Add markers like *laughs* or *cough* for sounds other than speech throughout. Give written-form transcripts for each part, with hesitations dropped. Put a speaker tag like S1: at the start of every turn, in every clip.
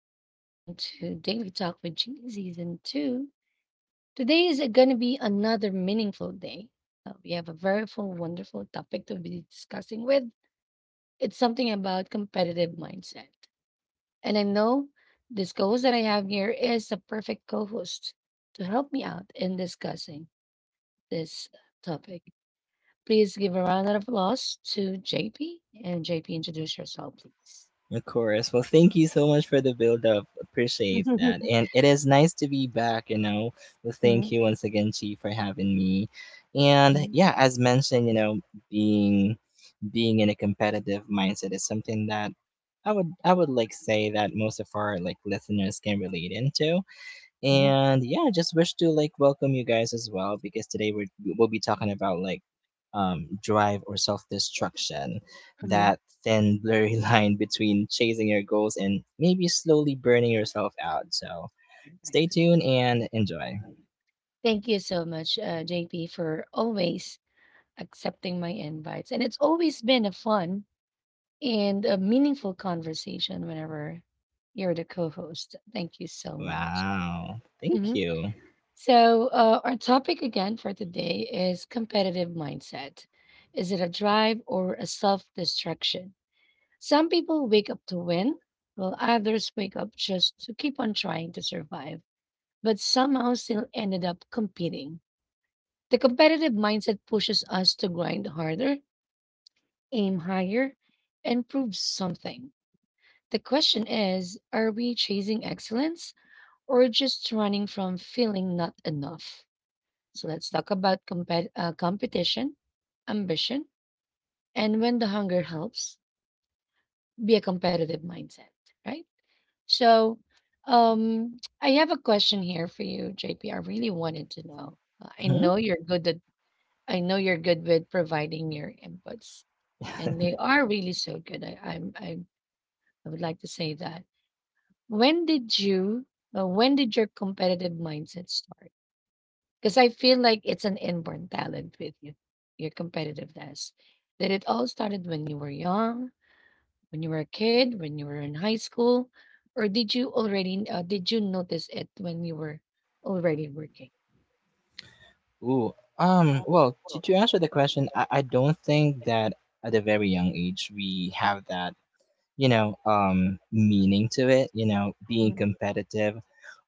S1: and welcome to Daily Talk with G Season 2. Today is going to be another meaningful day. We have a very full, wonderful topic to be discussing with. It's something about competitive mindset. And I know this co host that I have here is the perfect co host to help me out in discussing this topic. Please give a round of applause to JP, and JP, introduce yourself, please.
S2: Of course. Well, thank you so much for the build up. Appreciate that.
S1: *laughs*
S2: And it is nice to be back, you know. Well, thank
S1: Mhm,
S2: you once again, Chi, for having me. And
S1: mhm,
S2: yeah, as mentioned, you know, being being in a competitive mindset is something that I would like say that most of our like listeners can relate into. And yeah, I just wish to like welcome you guys as well because we'll be talking about like drive or self destruction,
S1: mhm.
S2: that thin, blurry *laughs* line between chasing your goals and maybe slowly burning yourself out. So stay
S1: Perfect.
S2: tuned and enjoy.
S1: Thank you so much, JP, for always accepting my invites. And it's always been a fun and a meaningful conversation whenever you're the co host. Thank you so much.
S2: Wow. Thank
S1: Mhm.
S2: you.
S1: So, our topic again for today is competitive mindset. Is it a drive or a self destruction? Some people wake up to win, while others wake up just to keep on trying to survive, but somehow still ended up competing. The competitive mindset pushes us to grind harder, aim higher, and prove something. The question is, are we chasing excellence or just running from feeling not enough? So let's talk about competition, ambition, and when the hunger helps, be a competitive mindset, right? So I have a question here for you, JP. I really wanted to know. I
S2: Hmm
S1: know
S2: *laughs*
S1: you're good at I know you're good with providing your inputs, and they are really so good. I I would like to say that. When did you when did your competitive mindset start? Because I feel like it's an inborn talent with you, your competitiveness. Did it all started when you were young, when you were a kid, when you were in high school, or did you already did you notice it when you were already working?
S2: Ooh, well, to answer the question, I don't think that at a very young age we have that, you know, meaning to it, you know, being
S1: Mhm,
S2: competitive.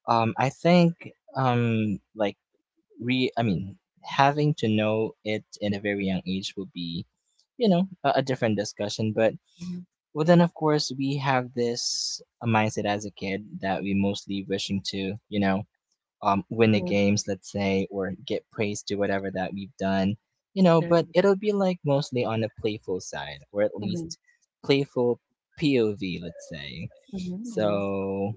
S2: I think like re I mean having to know it in a very young age would be, you know, a different discussion. But well, then of course we have this mindset as a kid that we mostly wishing to, you know, win the games, let's say, or get praise to whatever that we've done, you know. But it'll be like mostly on the playful side, or at
S1: mhm,
S2: least playful POV, let's say.
S1: mhm, mhm,
S2: So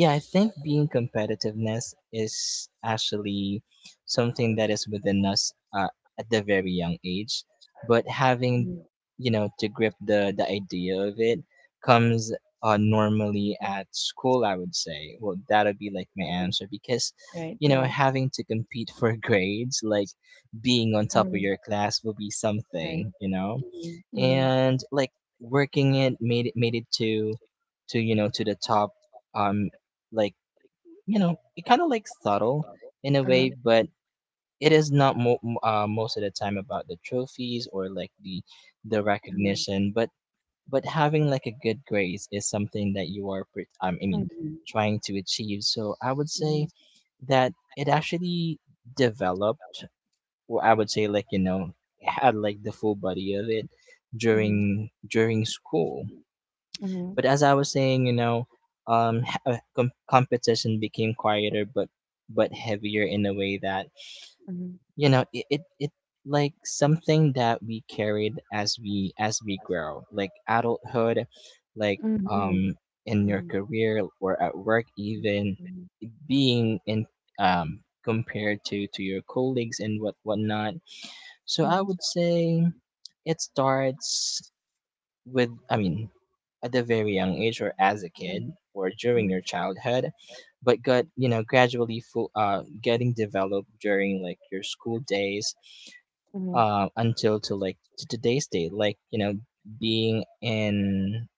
S2: yeah, I think being competitiveness is actually something that is within us at the very young age, but having
S1: mhm.
S2: you know to grip the idea of it comes normally at school. I would say, well, that'll be like my answer because
S1: Right,
S2: you know
S1: right.
S2: having to compete for *laughs* grades, like being on top of
S1: Mhm,
S2: your class, will be
S1: right.
S2: something you know
S1: Mhm, mhm.
S2: and like working it made it to to the top um like you know it kind of like subtle in a
S1: Uh-huh,
S2: way but it is not most of the time about the trophies or like the
S1: uh-huh.
S2: recognition but having like a good grace is something that you are
S1: Mhm, mhm.
S2: trying to achieve, so I would say that it actually developed, well, I would say like you know had like the full body of it
S1: Mhm.
S2: during school.
S1: Mhm.
S2: But as I was saying, you know, competition became quieter, but heavier in a way that
S1: Mhm.
S2: you know it like something that we carried as we grow, like adulthood, like um
S1: Mhm.
S2: in
S1: Mhm.
S2: your career or at work even being in compared to your colleagues and what whatnot. So
S1: Mhm.
S2: I would say it starts with I mean at a very young age or as a kid or during
S1: Mhm.
S2: your childhood, but got you know gradually full, getting developed during like your school days,
S1: Mhm.
S2: until to like to today's day like you know being in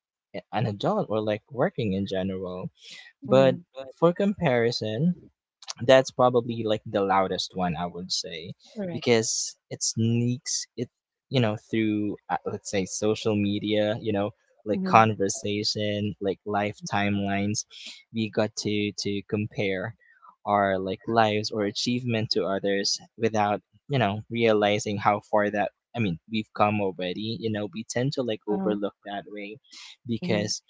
S2: an adult or like working in general.
S1: Mhm.
S2: But for comparison that's probably like the loudest one I would say
S1: Correct.
S2: because it sneaks it you know through let's say social media you know like
S1: Mhm.
S2: conversation like life timelines we got to compare our like lives or achievement to others without you know realizing how far that I mean we've come already, you know we tend to like
S1: Uh-huh.
S2: overlook that way
S1: Mhm.
S2: because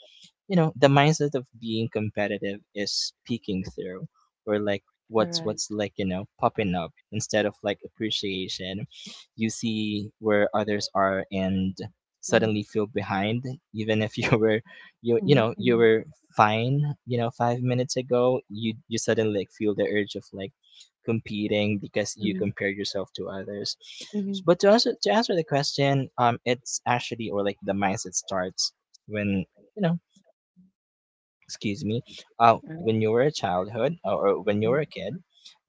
S2: you know the mindset of being competitive is peeking through or like what's like you know popping up instead of like appreciation, you see where others are and
S1: Mhm.
S2: suddenly feel behind even if *laughs* you you
S1: Mhm.
S2: know you
S1: Mhm.
S2: were fine you know 5 minutes ago you suddenly like feel the urge of like competing because you
S1: Mhm.
S2: compare yourself to others.
S1: Mhm.
S2: But to answer the question, it's actually or like the mindset starts when you know, excuse me, when you were a childhood or when you were
S1: Mhm.
S2: a kid,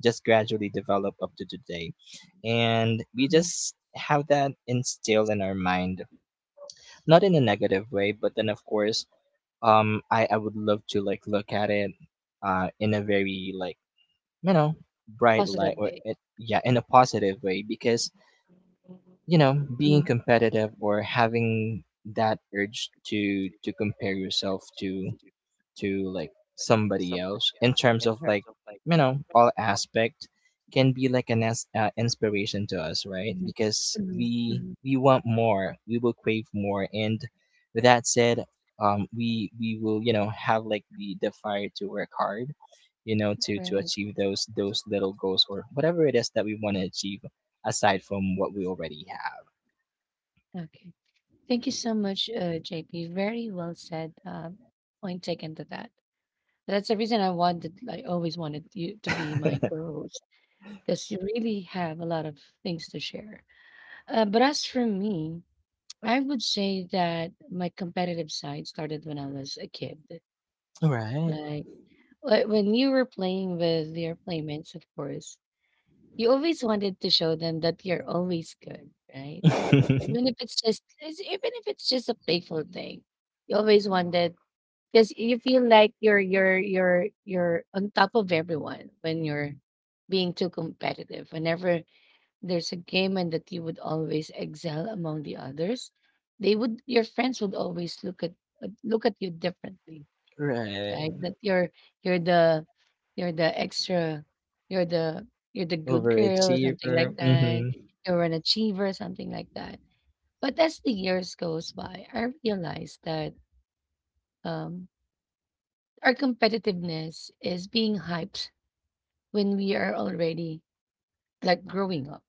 S2: just gradually develop up to today. And we
S1: Mhm.
S2: just have that instilled in our mind, not in a negative way, but then of course, I would love to like look at it, in a very like, you know, bright light
S1: Positive
S2: or
S1: way.
S2: it, yeah, in a positive way because, you know, being
S1: Mhm.
S2: competitive or having that urge to compare yourself to like somebody else in terms of like you know all aspect can be like an inspiration to us, right?
S1: Mhm.
S2: Because we
S1: Mhm.
S2: we want more, we will crave more, and with that said, we will you know have like the fire to work hard, you know, to
S1: Right.
S2: achieve those little goals or whatever it is that we want to achieve aside from what we already have.
S1: Okay. Thank you so much, JP. Very well said. Point taken to that. That's the reason I always wanted you to be my co because you really have a lot of things to share. But as for me, I would say that my competitive side started when I was a kid.
S2: Right.
S1: Like when you were playing with your playmates, of course, you always wanted to show them that you're always good, right?
S2: *laughs*
S1: Even if it's just even if it's just a playful thing, you always wanted because you feel like you're on top of everyone when you're being too competitive. Whenever there's a game and that you would always excel among the others. They would your friends would always look at look at you differently,
S2: Right.
S1: right? That you're the you're the extra you're the you're the good girl or something
S2: Overachiever.
S1: like that.
S2: Mm-hmm.
S1: You're an achiever, something like that. But as the years goes by, I realized that, um, our competitiveness is being hyped when we are already like growing up.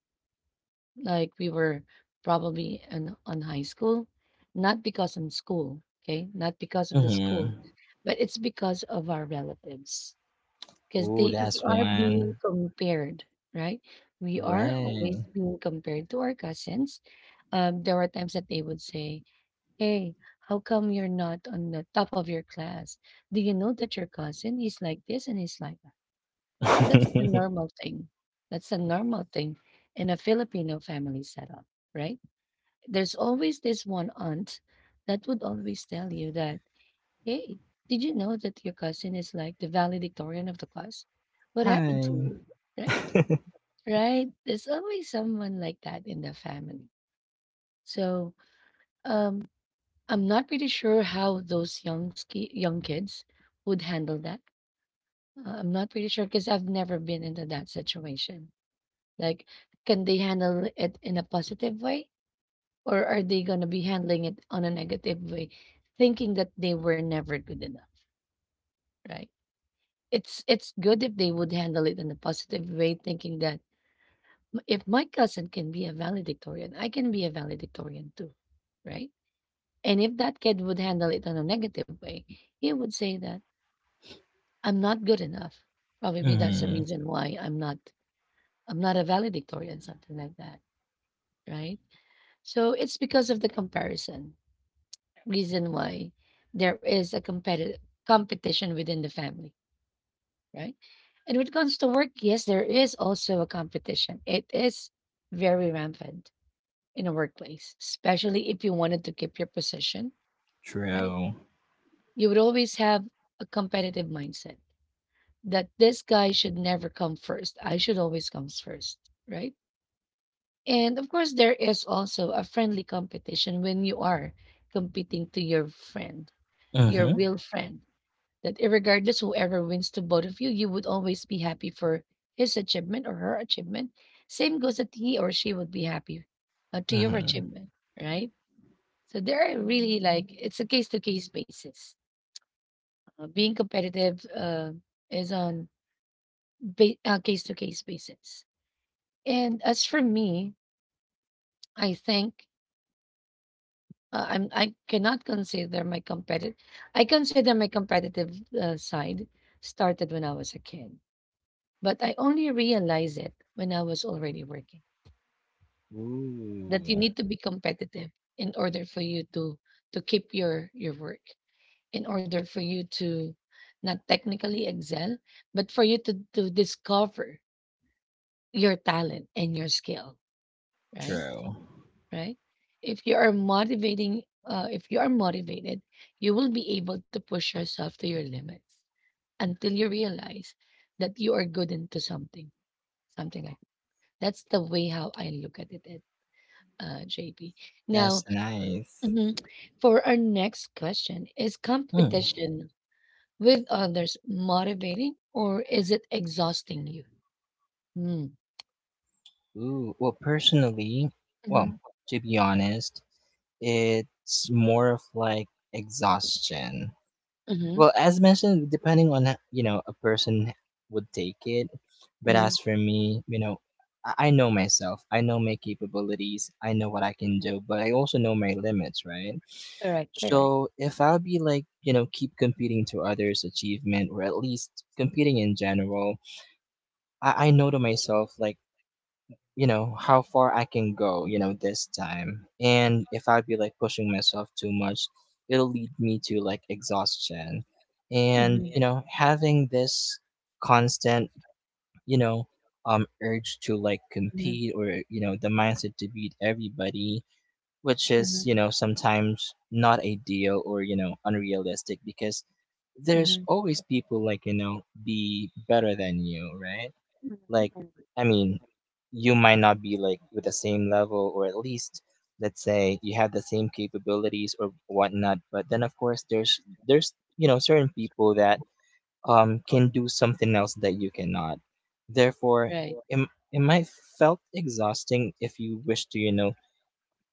S1: Like we were probably in on high school, not because I'm school, okay, not because of the school,
S2: Mm-hmm.
S1: but it's because of our relatives. Because
S2: Ooh,
S1: they we
S2: that's
S1: are being
S2: one.
S1: compared, right? We are always
S2: Right.
S1: being compared to our cousins. There were times that they would say, "Hey, how come you're not on the top of your class? Do you know that your cousin is like this and is like that?" So that's the
S2: *laughs* Hi.
S1: normal thing. That's a normal thing in a Filipino family setup, right? There's always this one aunt that would always tell you that, hey, did you know that your cousin is like the valedictorian of the class? What happened to you? Right?
S2: *laughs*
S1: Right? There's always someone like that in the family. So, um, I'm not pretty sure how those young kids would handle that. I'm not pretty sure because I've never been into that situation. Like, can they handle it in a positive way? Or are they gonna be handling it on a negative way, thinking that they were never good enough, right? It's good if they would handle it in a positive way, thinking that, "M- if my cousin can be a valedictorian, I can be a valedictorian too, right? And if that kid would handle it on a negative way, he would say that I'm not good enough. Probably that's the
S2: Hmm.
S1: reason why I'm not a valedictorian," something like that, right? So it's because of the comparison reason why there is a competitive competition within the family, right? And when it comes to work, yes, there is also a competition. It is very rampant in a workplace, especially if you wanted to keep your position, right?
S2: True.
S1: You would always have a competitive mindset that this guy should never come first. I should always come first, right? And of course, there is also a friendly competition when you are competing to your friend, your
S2: Hmm.
S1: real friend, that regardless whoever wins to both of you, you would always be happy for his achievement or her achievement. Same goes that he or she would be happy to your
S2: Hmm.
S1: achievement, right? So there are really like it's a case to case basis. Being competitive is on ba- case to case basis. And as for me, I think, I cannot consider my competitive. I consider my competitive side started when I was a kid. But I only realized it when I was already working,
S2: Ooh,
S1: that you need to be competitive in order for you to keep your work, in order for you to not technically excel, but for you to discover your talent and your skill, right?
S2: true.
S1: Right? If you are motivated, you will be able to push yourself to your limits until you realize that you are good into something, something like that's the way how I look at it. JP.
S2: That's
S1: Now,
S2: nice.
S1: mhm, for our next question, is
S2: Hmm.
S1: competition with others motivating or is it exhausting you? Mm.
S2: Ooh, well, personally,
S1: Mm-hmm.
S2: well, to be honest, it's more of like exhaustion.
S1: Mm-hmm.
S2: Well, as mentioned, depending on you know a person would take it, but
S1: Mm-hmm.
S2: as for me, you know, I know myself. I know my capabilities. I know what I can do, but I also know my limits, right?
S1: Correct, correct.
S2: So if I'll be like you know keep competing to others' achievement or at least competing in general, I know to myself like you know how far I can go you know this time, and if I be like pushing myself too much it'll lead me to like exhaustion and
S1: Mm-hmm.
S2: you know having this constant you know urge to like
S1: Mm-hmm.
S2: compete or you know the mindset to beat everybody, which is
S1: Mm-hmm.
S2: you know sometimes not ideal or you know unrealistic because there's
S1: Mm-hmm.
S2: always people like you know be better than you, right? Like I mean you might not be like with the same level, or at least let's say you have the same capabilities or whatnot, but then of course there's you know certain people that can do something else that you cannot, therefore it might felt exhausting if you wish to you know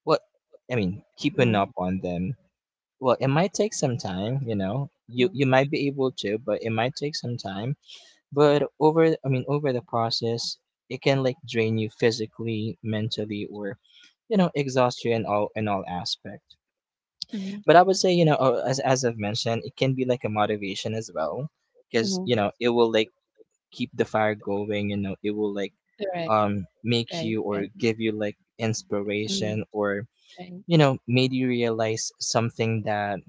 S2: what I mean keeping up on them. Well it might take some time, you know, you might be able to but it might take some time. But I mean, over the process, it can like drain you physically, mentally, or you know, exhaust you in all aspect.
S1: Mm-hmm.
S2: But I would say, you know, as I've mentioned, it can be like a motivation as well, because you
S1: Mm-hmm.
S2: know, it will like keep the fire going. You know, it will like
S1: Correct,
S2: make
S1: right,
S2: you or
S1: right,
S2: give you like inspiration, or
S1: right.
S2: you know made you realize something that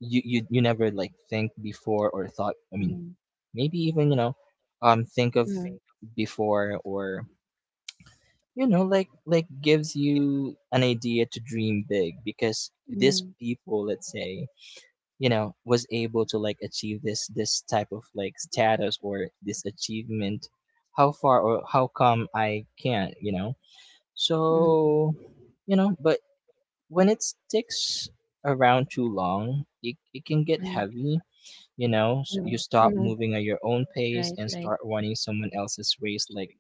S2: you never like think before or thought, I mean
S1: Mm,
S2: maybe even you know think of
S1: mm,
S2: before or you know like gives you an idea to dream big because this people let's say you know was able to like achieve this type of like status or this achievement, how far or how come I can't, you know.
S1: mm, mm.
S2: So you know, but when it sticks around too long it can get
S1: Hmm.
S2: heavy, you know. S you
S1: Mm,
S2: stop
S1: mm.
S2: moving at your own pace and start running someone else's race, like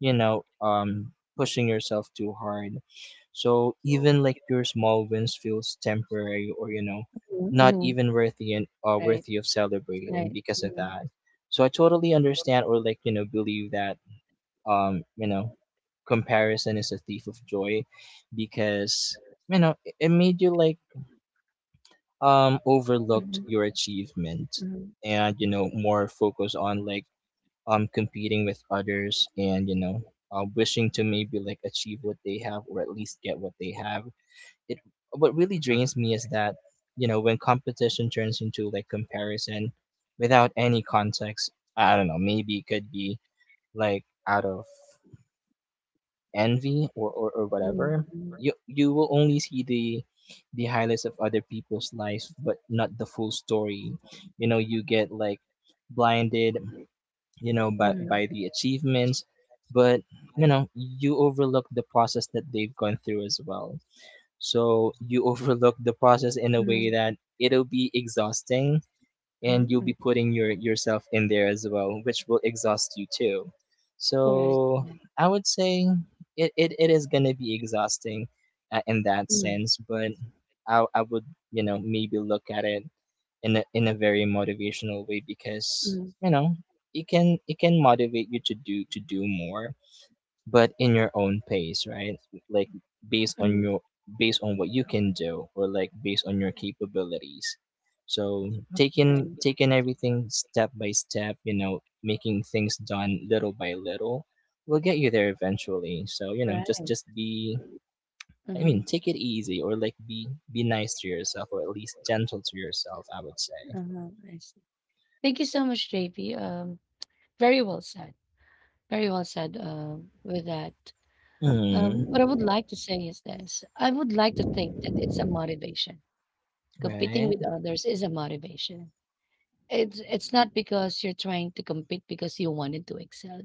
S2: you know pushing yourself too hard so even like your small wins feels temporary or you know
S1: Mm,
S2: not
S1: mhm,
S2: even worthy and
S1: right,
S2: worthy of celebrating because of that. So I totally understand or like you know believe that you know comparison is a thief of joy because you know it made you like overlooked your achievement and you know more focus on like competing with others and you know wishing to maybe like achieve what they have or at least get what they have. It, what really drains me is that you know when competition turns into like comparison without any context. I don't know, maybe it could be like out of envy or whatever,
S1: mhm.
S2: you will only see the highlights of other people's lives, but not the full story. You know, you get like blinded, you know, by the achievements, but you know, you overlook the process that they've gone through as well. So you *laughs* overlook the process in a way that it'll be exhausting and
S1: Mhm.
S2: you'll be putting yourself in there as well, which will exhaust you too. So,
S1: Mhm, correct.
S2: I would say it is gonna be exhausting in that sense, but I would you know maybe look at it in a very motivational way because
S1: Mhm,
S2: you know it can motivate you to do more, but in your own pace, right? Like based on
S1: mhm,
S2: your, based on what you can do or like based on your capabilities. So taking everything step by step, you know, making things done little by little will get you there eventually. So, you know,
S1: right.
S2: just be I mean,
S1: Mhm,
S2: take it easy or like be nice to yourself or at least gentle to yourself, I would say.
S1: uh-huh, I see. Thank you so much, JP. Very well said. Very well said, with that. What I
S2: Mm,
S1: would like to say is this. I would like to think that it's a motivation. Competing
S2: right?
S1: with others is a motivation. It's not because you're trying to compete because you wanted to excel.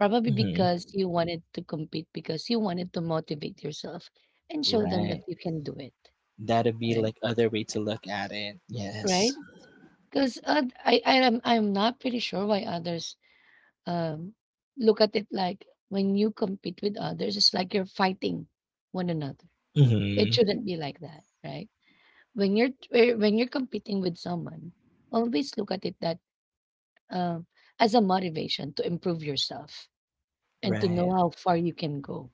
S1: Probably because
S2: Mm,
S1: you wanted to compete, because you wanted to motivate yourself and show them that
S2: right.
S1: you can do it,
S2: That'd be
S1: right?
S2: like other way to look at it. Yes.
S1: Right? Because, I'm not pretty sure why others um look at it like when you compete with others, it's like you're fighting one another. It
S2: Mm-hmm.
S1: shouldn't be like that, right? When when you're competing with someone, always look at it that um as a motivation to improve yourself and to know
S2: Right.
S1: how far you can go,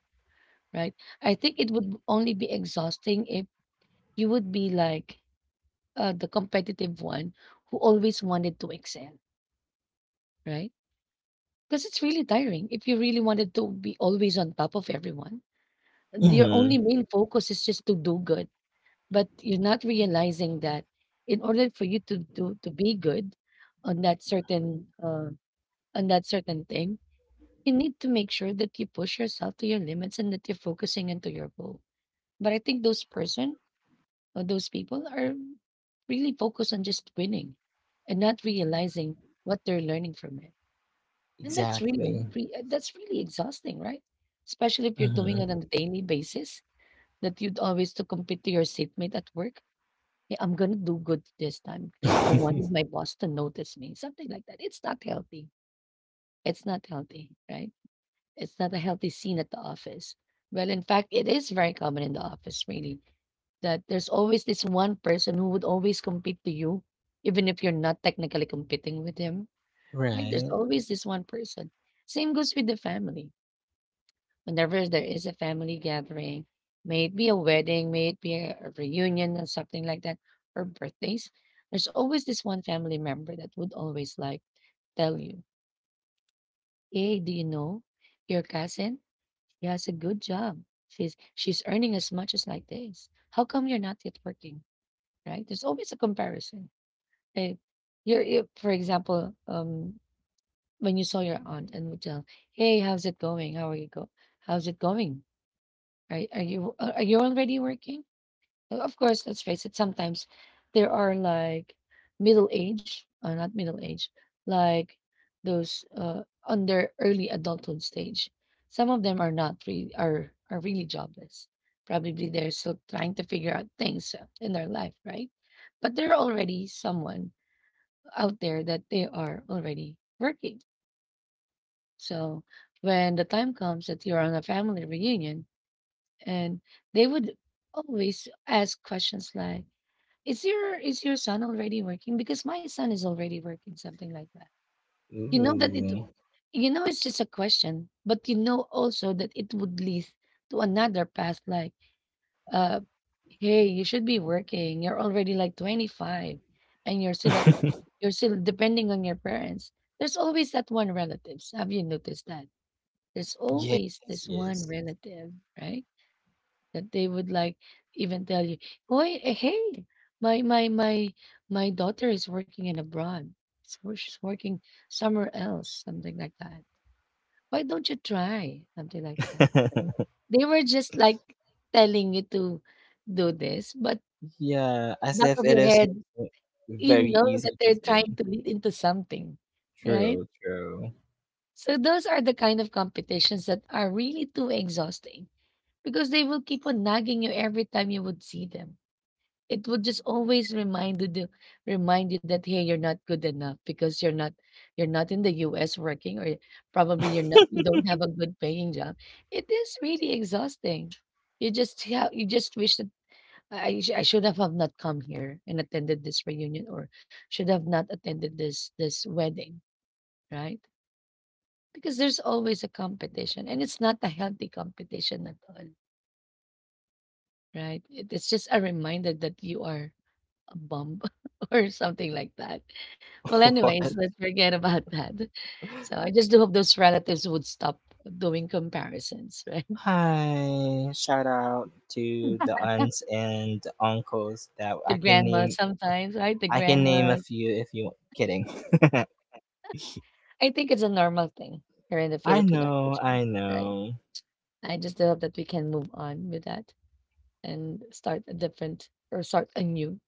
S1: right? I think it would only be exhausting if you would be like, the competitive one who always wanted to excel, right? Because it's really tiring if you really wanted to be always on top of everyone. And your only
S2: hmm
S1: main focus is just to do good, but you're not realizing that in order for you to do to be good on that certain uh, on that certain thing, you need to make sure that you push yourself to your limits and that you're focusing into your goal. But I think those person Those people are really focused on just winning and not realizing what they're learning from it. And that's
S2: Exactly.
S1: that's really exhausting, right? Especially if you're doing it
S2: hmm
S1: on a daily basis, that you'd always to compete to your seatmate at work. Hey, I'm gonna do good this time because I wanted
S2: *laughs*
S1: my boss to notice me. Something like that. It's not healthy. It's not healthy, right? It's not a healthy scene at the office. Well, in fact, it is very common in the office, really, that there's always this one person who would always compete to you, even if you're not technically competing with him, right? There's
S2: Right.
S1: always this one person. Same goes with the family. Whenever there is a family gathering, may it be a wedding, may it be a reunion or something like that, or birthdays, there's always this one family member that would always like tell you, hey, do you know your cousin? She has a good job. She's earning as much as like this. How come you're not yet working? Right? There's always a comparison. Eh, you, for example, when you saw your aunt and would tell, "Hey, how's it going? How are you go? How's it going? Are you are you already working?" Of course, let's face it. Sometimes there are like middle age, not middle age, like those on their early adulthood stage. Some of them are not really are really jobless. Probably they're still trying to figure out things in their life, right? But they're already someone out there that they are already working. So when the time comes that you're on a family reunion and they would always ask questions like, is your son already working? Because my son is already working, something like that. You know that it
S2: Ooh.
S1: you know it's just a question, but you know also that it would lead to another path like uh, "Hey, you should be working. You're already like 25 and
S2: *laughs*
S1: you're still depending on your parents." There's always that one relatives. Have you noticed that? There's
S2: Yes.
S1: always this one
S2: Yes.
S1: relative, right? That they would like even tell you, oh, hey, my my my my daughter is working in abroad. So she's working somewhere else, something like that. Why don't you try something like that?"
S2: *laughs*
S1: They were just like telling you to do this, but
S2: Yeah. As
S1: back
S2: if
S1: of
S2: it
S1: your
S2: is
S1: head,
S2: know,
S1: you
S2: very
S1: know that
S2: easy to
S1: they're trying
S2: do.
S1: to lead into something, right?
S2: True. True.
S1: So those are the kind of competitions that are really too exhausting because they will keep on nagging you every time you would see them. It would just always remind you that hey, you're not good enough because you're not in the US working or probably you
S2: *laughs*
S1: don't have a good paying job. It is really exhausting. You just wish that I should have not come here and attended this reunion or should have not attended this wedding, right? Because there's always a competition and it's not a healthy competition at all, right? It's just a reminder that you are a bum *laughs* or something like that. Well, anyways,
S2: What?
S1: let's forget about that. So I just do hope those relatives would stop doing comparisons, right? *laughs*
S2: Hi. Shout out to the aunts and uncles that
S1: The
S2: I can
S1: grandmas
S2: name.
S1: sometimes, right? The
S2: I can name a
S1: grandmas.
S2: few if you. Kidding.
S1: I think it's a normal thing here in the
S2: *laughs* I
S1: Filipino
S2: know.
S1: culture,
S2: I
S1: right?
S2: know.
S1: I just hope that we can move on with that and start a different or start anew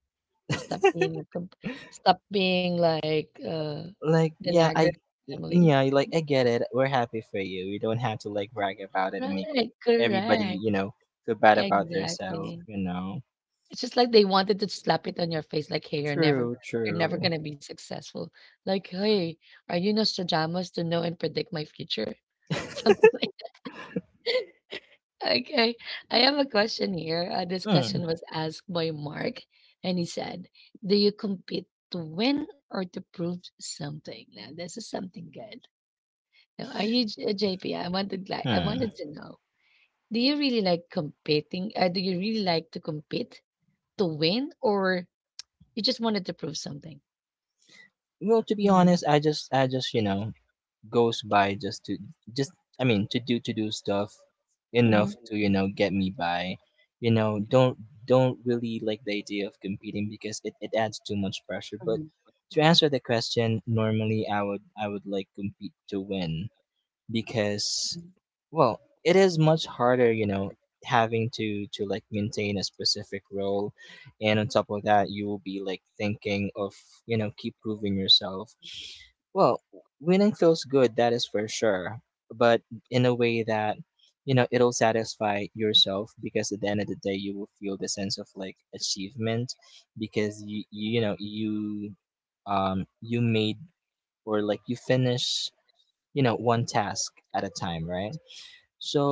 S1: and stop being like
S2: like
S1: the
S2: yeah
S1: Niagara
S2: I
S1: family.
S2: yeah, like I get it, we're happy for you, you don't have to like brag about it and make
S1: Right,
S2: everybody,
S1: correct.
S2: feel bad about themselves,
S1: Exactly.
S2: you know?
S1: It's just like they wanted to slap it on your face like hey,
S2: True,
S1: you're never
S2: true.
S1: gonna be successful. Like, hey, are you Nostradamus to know and predict my future? *laughs* Something like Okay. I have a question here. This
S2: Hmm
S1: question was asked by Mark, and he said, do you compete to win or to prove something? Now, this is something good. Now, are you JP? I wanted
S2: hmm.
S1: to know. Do you really like competing? Do you really like to compete to win, or you just wanted to prove something?
S2: Well, to be
S1: Mm-hmm.
S2: honest, I just you know goes by just to just I mean to do stuff enough
S1: Mm-hmm.
S2: to, you know, get me by. You know, don't really like the idea of competing because it adds too much pressure. But
S1: Mhm,
S2: to answer the question, normally I would like compete to win because, well, it is much harder, you know, having to like maintain a specific role, and on top of that, you will be like thinking of, you know, keep proving yourself. Well, winning feels good, that is for sure, but in a way that, you know, it'll satisfy yourself because at the end of the day, you will feel the sense of like achievement because you you made or like you finish, you know, one task at a time, right? So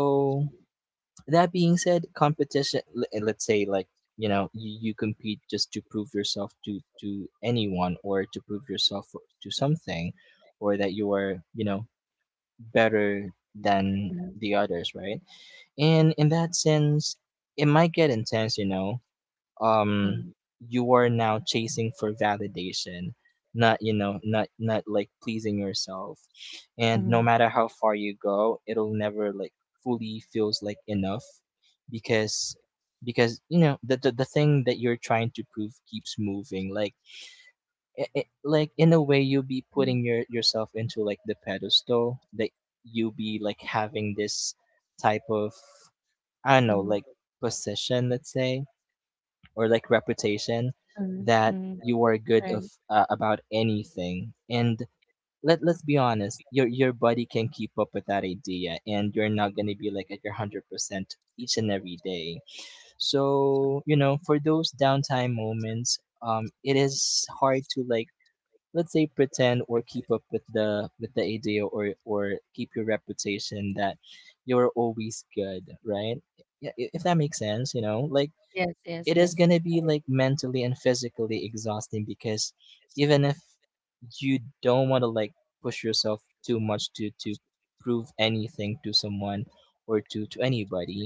S2: that being said, competition. Le- and Let's say like, you know, you compete just to prove yourself to anyone or to prove yourself to something, or that you are, you know, better than
S1: mhm,
S2: the others, right? And in that sense, it might get intense, you know,
S1: mhm,
S2: um you are now chasing for validation, not, you know, not like pleasing yourself, and
S1: mhm,
S2: no matter how far you go, it'll never like fully feels like enough because because, you know, the the thing that you're trying to prove keeps moving. Like like in a way you'll be
S1: mhm,
S2: putting yourself into like the pedestal that you'll be like having this type of, I
S1: mhm,
S2: don't know, like
S1: mhm,
S2: position, let's say, or like reputation
S1: mhm,
S2: that
S1: mhm.
S2: you are good of, about anything. And let's be honest, your body can keep up with that idea, and you're not going to be like at your 100% each and every day. So, you know, for those downtime moments, um, it is hard to like, let's say, pretend or keep up with the idea, or keep your reputation that you're always good, right? Yeah, if that makes sense, you know. Like it is
S1: Yes.
S2: going to be like mentally and physically exhausting because even if you don't want to like push yourself too much to prove anything to someone or to anybody,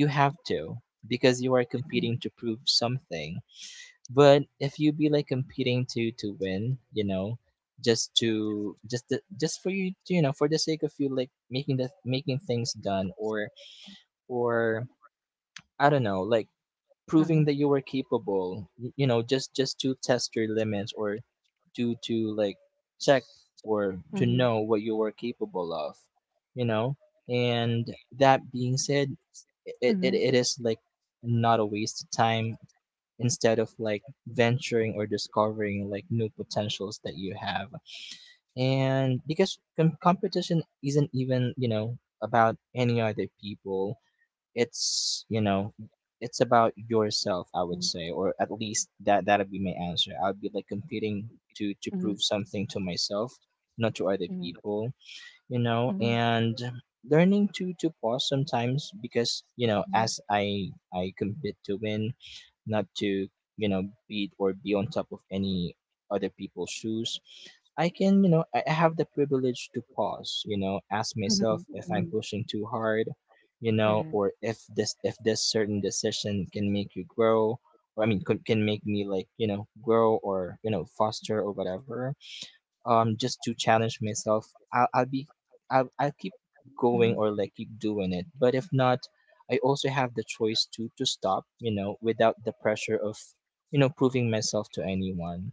S2: you have to, because you are competing to prove something. But if you be like competing to win, you know, just for you to, you know, for the sake of you like making the making things done, or, I don't know, like proving that you were capable, you know, just to test your limits or to like check or to
S1: Mhm,
S2: know what you were capable of, you know. And that being said, it, it,
S1: mhm,
S2: it is like not a waste of time instead of like venturing or discovering like new potentials that you have. And because competition isn't even, you know, about any other people, it's, you know, it's about yourself, I would
S1: mhm,
S2: say, or at least that that'd be my answer. I'd be like competing to prove something to myself, not to other
S1: mhm,
S2: people, you know,
S1: mhm,
S2: and learning to pause sometimes because, you know,
S1: mhm,
S2: as I compete to win, not to, you know, beat or be on top of any other people's shoes. I can, you know, I have the privilege to pause, you know, ask myself
S1: mhm,
S2: if I'm
S1: mhm,
S2: pushing too hard, you know,
S1: correct.
S2: or if this certain decision can make you grow, or I mean, could, can make me like, you know, grow or, you know, foster or whatever, um, just to challenge myself. I'll be I'll keep going
S1: Mhm,
S2: or like keep doing it, but if not, I also have the choice to stop, you know, without the pressure of, you know, proving myself to anyone.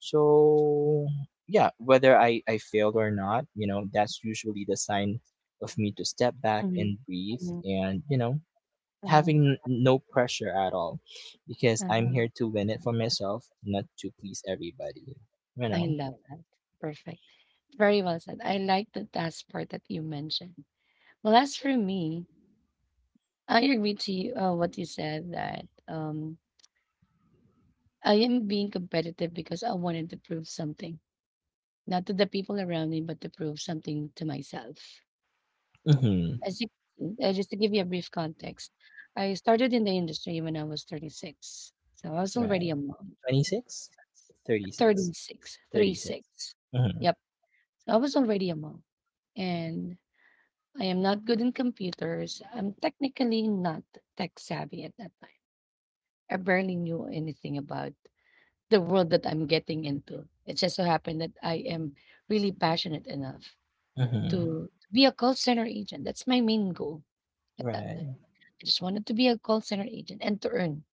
S2: So yeah, whether I failed or not, you know, that's usually the sign of me to step back
S1: mhm,
S2: and breathe
S1: mhm,
S2: and, you know,
S1: uh-huh,
S2: having no pressure at all because I'm
S1: uh-huh.
S2: here to win it for myself, not to please everybody, you
S1: I
S2: know.
S1: love that. Perfect. Very well said. I like the last part that you mentioned. Well, as for me, I agree to you, what you said that I am being competitive because I wanted to prove something, not to the people around me, but to prove something to myself.
S2: Mhm.
S1: As you can see, just to give you a brief context, I started in the industry when I was 36. So I was
S2: Right.
S1: already a mom.
S2: 26? 36.
S1: 36,
S2: 36.
S1: 36.
S2: Mm-hmm.
S1: Yep. So I was already a mom. And I am not good in computers. I'm technically not tech savvy at that time. I barely knew anything about the world that I'm getting into. It just so happened that I am really passionate enough
S2: Mm-hmm.
S1: to be a call center agent. That's my main goal at that
S2: Right.
S1: time. I just wanted to be a call center agent and to earn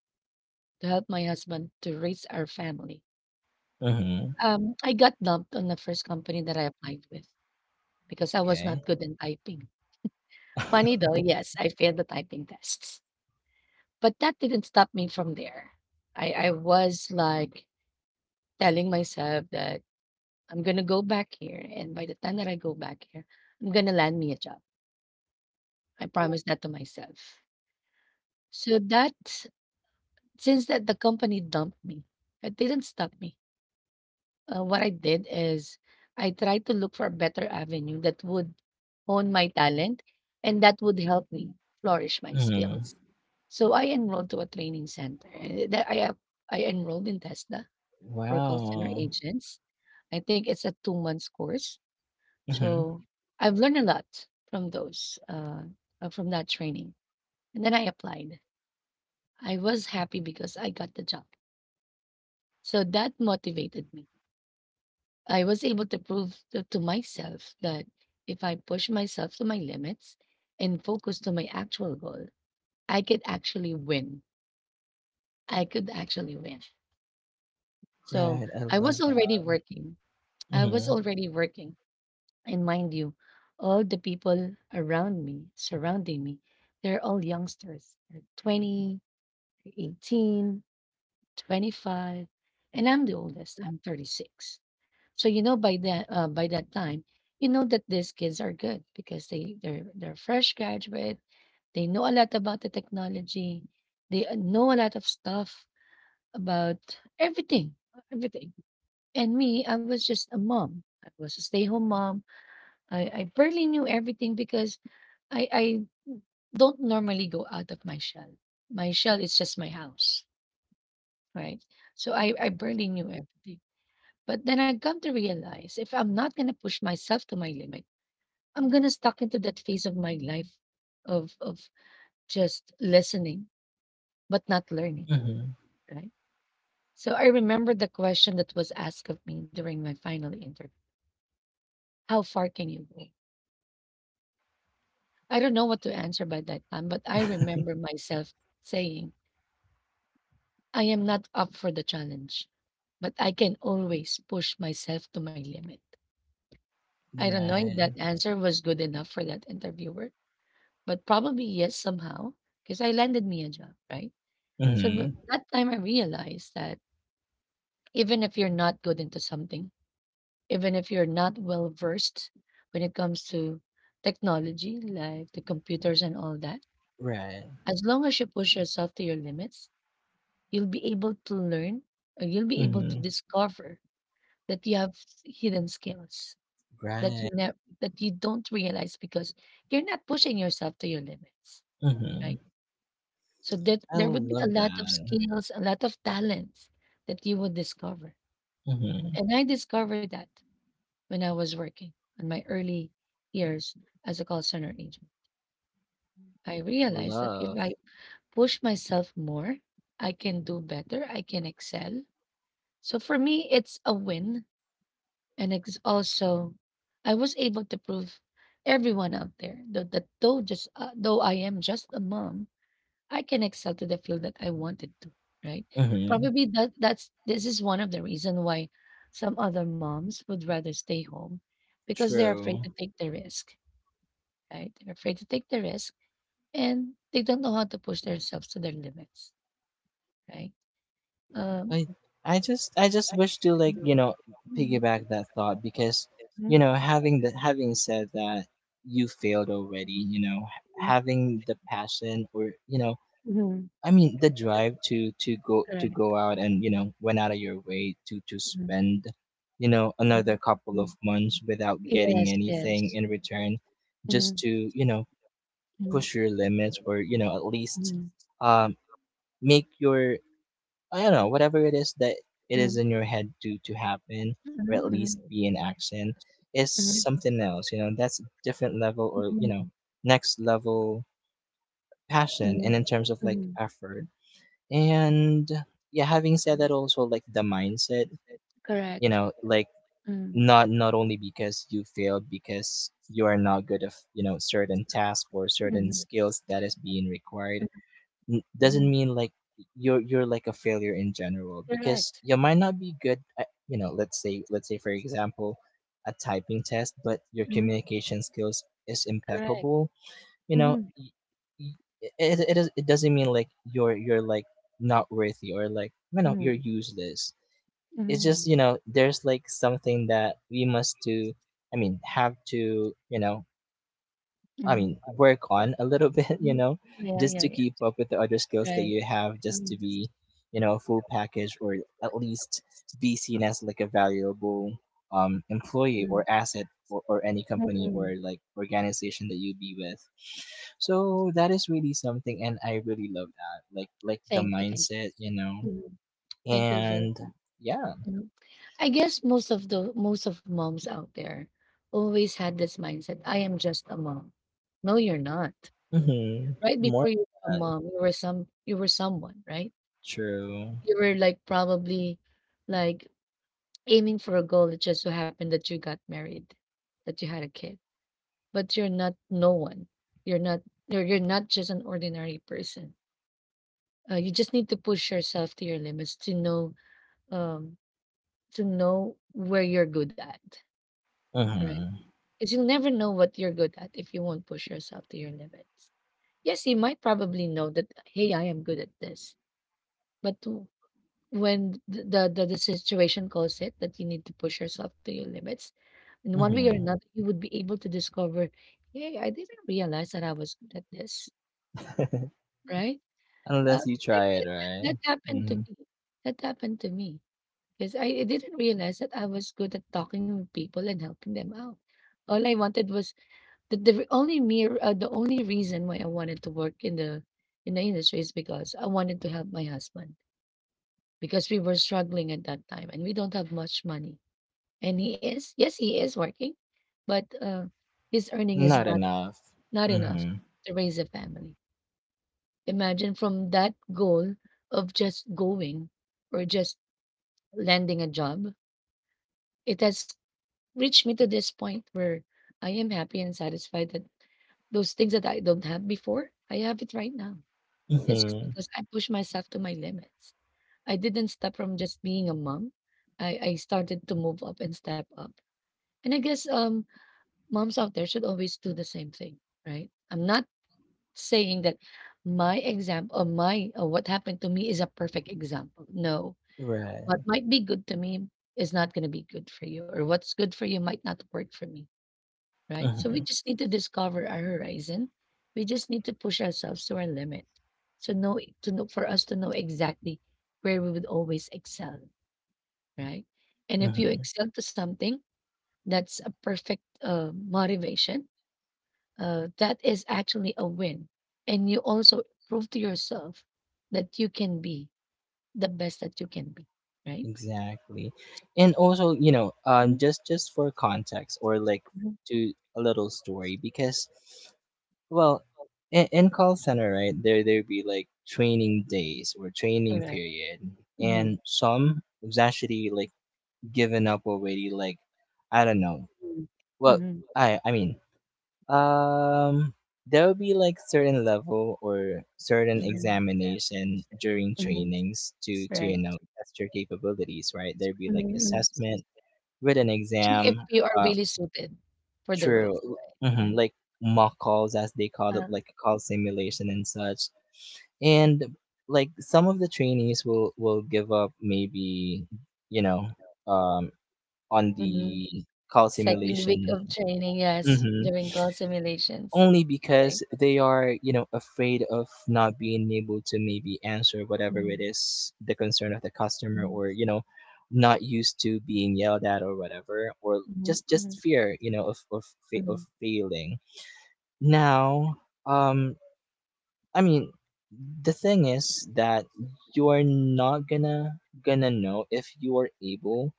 S1: to help my husband to raise our family.
S2: Mm-hmm.
S1: I got dumped on the first company that I applied with because I was not
S2: Okay.
S1: good in typing. Funny
S2: *laughs*
S1: though, yes, I failed the typing tests, but that didn't stop me from there. I was like telling myself that I'm gonna go back here, and by the time that I go back here, I'm gonna land me a job. I promised that to myself. So that since that the company dumped me, it didn't stop me. What I did is I tried to look for a better avenue that would hone my talent and that would help me flourish my
S2: Mm-hmm.
S1: skills. So I enrolled to a training center, and I enrolled in Tesla for call center
S2: Wow.
S1: agents. I think it's a 2 months course.
S2: Mm-hmm.
S1: So I've learned a lot from those from that training. And then I applied. I was happy because I got the job. So that motivated me. I was able to prove to myself that if I push myself to my limits and focus to my actual goal, I could actually win. I could actually win. So
S2: Right. I
S1: I was
S2: love
S1: already
S2: that.
S1: working. I was
S2: Mm-hmm.
S1: already working. And mind you, all the people around me, surrounding me, they're all youngsters. They're 20, they're 18, 25, and I'm the oldest. I'm 36. So you know by that time, you know that these kids are good because they're fresh graduate. They know a lot about the technology. They know a lot of stuff about everything, everything. And me, I was just a mom. I was a stay-home mom. I barely knew everything because I don't normally go out of my shell. My shell is just my house, right? So I barely knew everything. But then I've come to realize if I'm not gonna push myself to my limit, I'm gonna stuck into that phase of my life of just listening but not learning,
S2: Mm-hmm.
S1: right? So I remember the question that was asked of me during my final interview. How far can you go? I don't know what to answer by that time, but I remember myself saying, I am not up for the challenge, but I can always push myself to my limit.
S2: *laughs*
S1: I don't know if
S2: Right.
S1: that answer was good enough for that interviewer, but probably yes somehow, because I landed me a job, right? So
S2: Mm-hmm.
S1: That time I realized that even if you're not good into something, even if you're not well versed when it comes to technology, like the computers and all that,
S2: Right.
S1: as long as you push yourself to your limits, you'll be able to learn or you'll be able to
S2: Mm-hmm.
S1: discover that you have hidden skills that you
S2: Right.
S1: never that you don't realize because you're not pushing yourself to your limits, right?
S2: Mm-hmm.
S1: So that
S2: I
S1: there would be a
S2: love
S1: lot of
S2: that.
S1: skills, a lot of talents that you would discover.
S2: Mm-hmm.
S1: And I discovered that when I was working in my early years as a call center agent. I realized that if
S2: Love.
S1: I push myself more, I can do better, I can excel. So for me, it's a win. And it's also, I was able to prove everyone out there that, though I am just a mom, I can excel to the field that I wanted to, right?
S2: Mm-hmm.
S1: Probably that that's this is one of the reason why some other moms would rather stay home because they're afraid
S2: True.
S1: to take the risk, right? They're afraid to take the risk and they don't know how to push themselves to their limits, right? Um,
S2: I I just I just wish to like, you know,
S1: Mhm.
S2: piggyback that thought because,
S1: Mhm,
S2: you know, having the having said that you failed already, you know,
S1: mhm,
S2: having the passion or, you know,
S1: mhm,
S2: I mean the drive to
S1: correct.
S2: go out and, you know, went out of your way to
S1: Mhm,
S2: spend, you know,
S1: mhm,
S2: another couple
S1: mhm.
S2: of months without
S1: Yes,
S2: getting anything
S1: yes.
S2: in return just
S1: Mhm,
S2: to, you know,
S1: mhm,
S2: push your limits or, you know, at least,
S1: mhm,
S2: um, make your, I don't know, whatever it is that it is
S1: mhm,
S2: in your head to happen, or at
S1: mhm,
S2: least be in action, is
S1: mhm,
S2: something else. You know, that's a different level or, you know,
S1: mhm.
S2: next level passion, and in terms of like effort, and yeah. Having said that, also like the mindset. You
S1: Correct.
S2: know, like
S1: Mm.
S2: not only because you failed because you are not good of, you know, certain task or certain skills that is being required,
S1: Mhm,
S2: doesn't
S1: mhm.
S2: mean like you're like a failure in general, because
S1: Correct.
S2: you might not be good at, you know, let's say for example a typing test, but your
S1: Mhm.
S2: communication skills is impeccable, you know. Y- it does it doesn't mean like you're like not worthy or like, you know,
S1: Mhm.
S2: you're useless. It's just,
S1: Mhm.
S2: you know, there's like something that we must do, I mean have to, you know, I
S1: Mhm.
S2: mean, work on a little *laughs* bit, you know, just to keep up with the other skills that you have, just to be, you know, full package or at least be seen as like a valuable, employee
S1: Mhm.
S2: or asset or any company
S1: Mhm.
S2: or like organization that you be with. So that is really something, and I really love that, like the mindset, you know,
S1: Mhm. Thank you.
S2: and yeah,
S1: Mhm. I guess most of moms out there always had this mindset. I am just a mom. No, you're not.
S2: mm-hmm,
S1: Right
S2: more
S1: before you
S2: of
S1: were a
S2: that.
S1: mom, you were someone, right?
S2: True.
S1: You were like probably like aiming for a goal. It just so happened that you got married, that you had a kid. But you're not no one. You're not you're not just an ordinary person. You just need to push yourself to your limits to know um where you're good at, right?
S2: Mm-hmm.
S1: Because you'll never know what you're good at if you won't push yourself to your limits. Yes, you might probably know that hey, I am good at this, but when the situation calls it that you need to push yourself to your limits, in one way or
S2: Mm-hmm.
S1: another, you would be able to discover, "Hey, I didn't realize that I was good at this,"
S2: *laughs*
S1: right? Uh,
S2: Unless you
S1: that,
S2: try it,
S1: that
S2: right?
S1: that happened to
S2: hmm
S1: me. That happened to me because I didn't realize that I was good at talking with people and helping them out. All I wanted was that the only mere the only reason why I wanted to work in the industry is because I wanted to help my husband because we were struggling at that time and we don't have much money. And he is, yes, he is working, but, his earning is
S2: Not
S1: not
S2: enough.
S1: not enough
S2: Hmm
S1: to raise a family. Imagine from that goal of just going or just landing a job, it has reached me to this point where I am happy and satisfied that those things that I don't have before, I have it right now. It's just
S2: hmm
S1: because I pushed myself to my limits. I didn't stop from just being a mom. I started to move up and step up. And I guess moms out there should always do the same thing, right? I'm not saying that my example or my or what happened to me is a perfect example. No, what
S2: Right.
S1: might be good to me is not going to be good for you, or what's good for you might not work for me, right? So we
S2: hmm
S1: just need to discover our horizon. We just need to push ourselves to our limit. So know to know for us to know exactly where we would always excel, right? And if you
S2: hmm
S1: excel to something, that's a perfect motivation, that is actually a win. And you also prove to yourself that you can be the best that you can be, right?
S2: Exactly. And also, you know,
S1: Mhm.
S2: just for context or like to a little story because, well, in call center, right? There be like training days or training
S1: Correct.
S2: period,
S1: Mm-hmm.
S2: and some was actually like given up already. Like, I don't know.
S1: Hmm.
S2: Well,
S1: Hmm.
S2: I mean, um, there will be like certain level or certain examination during trainings to, you
S1: Right.
S2: know, test your capabilities, right? There'll be like
S1: Mm-hmm.
S2: assessment written
S1: Check
S2: exam.
S1: if you are
S2: Uh,
S1: really suited for the
S2: true.
S1: role.
S2: Hmm
S1: Mm.
S2: like mock calls as they call it,
S1: Uh,
S2: like call simulation and such. And like some of the trainees will give up maybe, you know, um, on
S1: mhm.
S2: the call
S1: Second week
S2: simulation.
S1: of training, yes,
S2: Mhm.
S1: during call simulations,
S2: only because
S1: right?
S2: they are, afraid of not being able to maybe answer whatever it
S1: Mm-hmm.
S2: is the concern of the customer,
S1: Mm-hmm.
S2: or, not used to being yelled at or whatever, or just
S1: Mm-hmm.
S2: just fear, of of
S1: Mm-hmm.
S2: failing now. um I mean, the thing is that you're not gonna know if you are able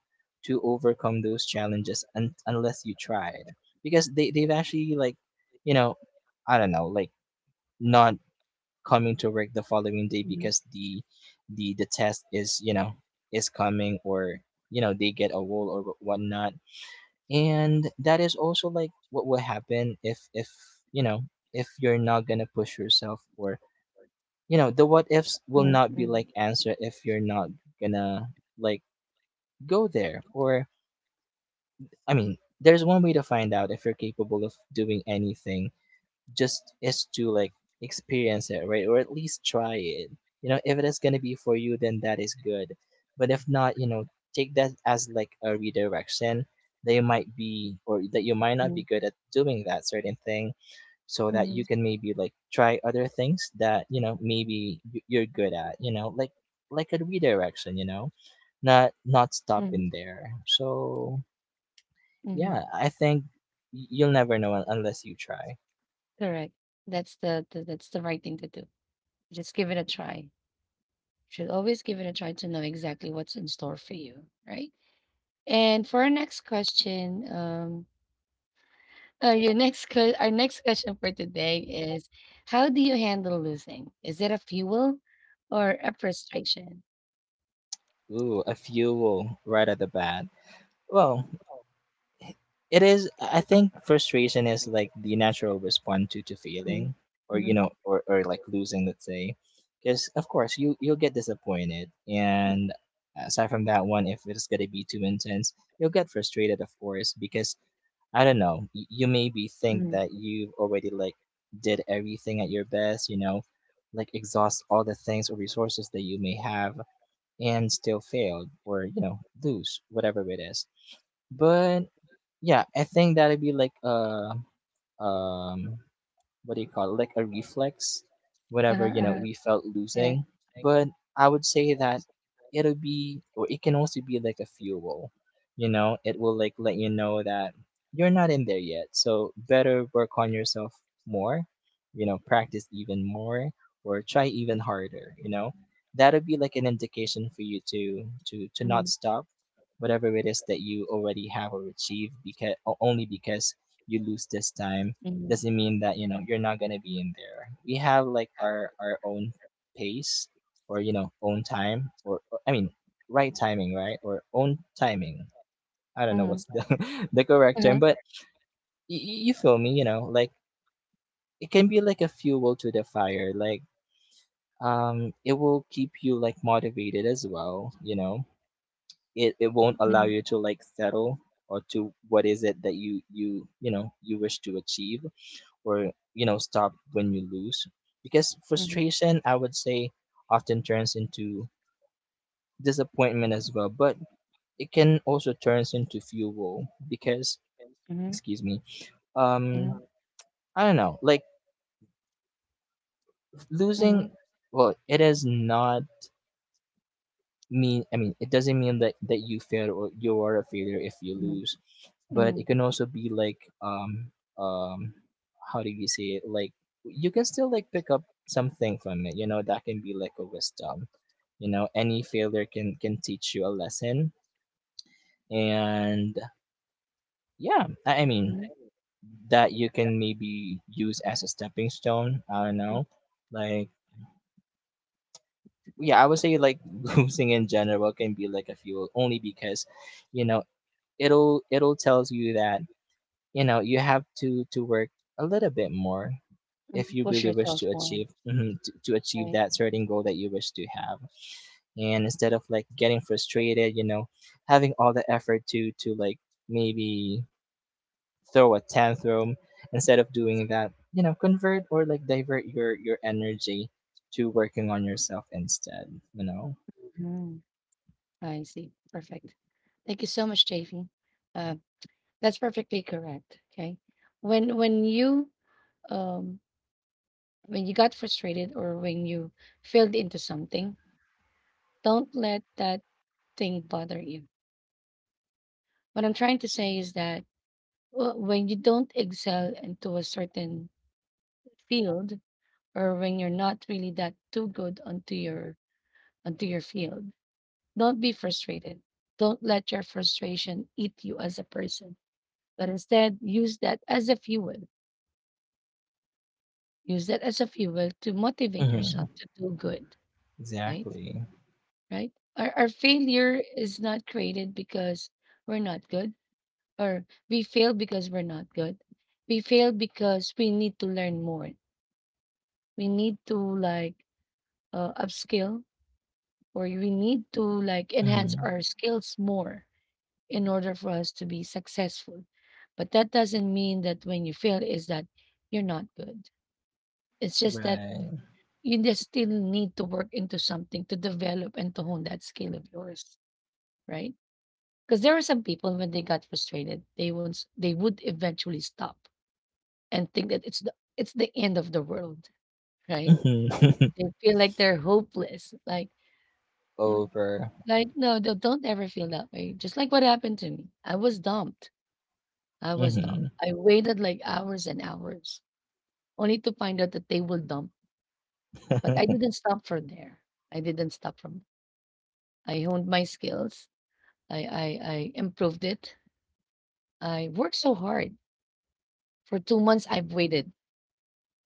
S2: to overcome those challenges, unless you tried, because they've actually, like, you know I don't know, like, not coming to work the following day because the the test is, is coming, or, they get a wall or whatnot. And that is also like what will happen you know if you're not gonna push yourself, or, the what ifs will not be like answer if you're not gonna, like, go there. Or, I mean, there's one way to find out if you're capable of doing anything. Just is to, like, experience it, right, or at least try it. If it is gonna be for you, then that is good. But if not, take that as like a redirection, that you might be or that you might not be good at doing that certain thing, so that you
S1: Mm-hmm.
S2: can maybe, like, try other things that, maybe you're good at, like a redirection. Not
S1: Mhm.
S2: stopping there. So, yeah,
S1: Mhm.
S2: I think you'll never know, unless you try.
S1: Correct. That's the that's the right thing to do. Just give it a try. Should always give it a try to know exactly what's in store for you, right? And for our next question, *laughs* our next question for today is, how do you handle losing? Is it a fuel or a frustration?
S2: Ooh, a fuel right at the bat. Well, it is. I think frustration is like the natural response to
S1: Mhm.
S2: failing, or,
S1: Mhm.
S2: or like losing, let's say, because, of course, you'll get disappointed. And aside from that one, if it's gonna be too intense, you'll get frustrated, of course, because, I don't know, you maybe think
S1: Mhm.
S2: that you've already, like, did everything at your best, like exhaust all the things or resources that you may have, and still failed, or, lose whatever it is. But yeah, I think that'd be like um what do you call it, like a reflex whenever,
S1: Uh-huh.
S2: we felt
S1: Yeah.
S2: losing. But I would say that it'll be, or it can also be like a fuel. It will, like, let you know that you're not in there yet. So better work on yourself more, practice even more or try even harder. That'll be like an indication for you to not
S1: Mhm.
S2: stop whatever it is that you already have or achieved, because only because you lose this time
S1: Mhm.
S2: doesn't mean that, you're not gonna be in there. We have like our own pace, or, own time, or, I mean, right timing, right? Or own timing. I don't know
S1: Mhm.
S2: what's the *laughs* the correct term,
S1: Uh-huh.
S2: but you feel me, like, it can be like a fuel to the fire. It will keep you, like, motivated as well. It won't allow
S1: Mhm.
S2: you to, like, settle, or to what is it that you you know you wish to achieve, or, stop when you lose, because frustration, I would say, often turns into disappointment as well, but it can also turns into fuel because,
S1: Mhm.
S2: excuse me, um I don't know, like, losing,
S1: Mhm.
S2: well, it is not mean I mean, it doesn't mean that you failed, or you are a failure if you
S1: Mhm.
S2: lose. But it
S1: Mhm.
S2: can also be like, um how do you say it, like, you can still, like, pick up something from it, that can be like a wisdom. Any failure can teach you a lesson. And yeah, I mean, that you can maybe use as a stepping stone, I don't know, like, yeah, I would say, like, *laughs* losing in general can be like a fuel only because, you know it'll tells you that, you have to work a little bit more, if
S1: Mhm.
S2: you
S1: Push
S2: really wish
S1: yourself
S2: to
S1: more,
S2: achieve to achieve
S1: right?
S2: that certain goal that you wish to have. And instead of, like, getting frustrated, having all the effort to like maybe throw a tantrum. Instead of doing that, convert or, like, divert your energy to working on yourself instead you know
S1: Mhm. I see. Perfect. Thank you so much, JV. Uh, that's perfectly correct. Okay. When you um when you got frustrated or when you failed into something, don't let that thing bother you. What I'm trying to say is that when you don't excel into a certain field or when you're not really that too good onto your field, don't be frustrated. Don't let your frustration eat you as a person, but instead use that as a fuel. Use that as a fuel to motivate
S2: hmm.
S1: yourself to do good, right?
S2: Exactly.
S1: Right? Our failure is not created because we're not good, or we fail because we're not good. We fail because we need to learn more. We need to like upskill, or we need to like enhance
S2: Hmm.
S1: our skills more in order for us to be successful. But that doesn't mean that when you fail is that you're not good. It's just that
S2: Right.
S1: you just still need to work into something to develop and to hone that skill of yours, right? Because there are some people when they got frustrated, they would eventually stop and think that it's the end of the world, right?
S2: Hmm.
S1: They feel like they're hopeless. Like,
S2: *laughs*
S1: "Oh my-"
S2: Over.
S1: like no, don't ever feel that way. Just like what happened to me, I was dumb.
S2: Mhm.
S1: I waited like hours and hours only to find out that they will dump. But I
S2: *laughs*
S1: didn't stop from there. I didn't stop from. I honed my skills. I improved it. I worked so hard for 2 months. I've waited,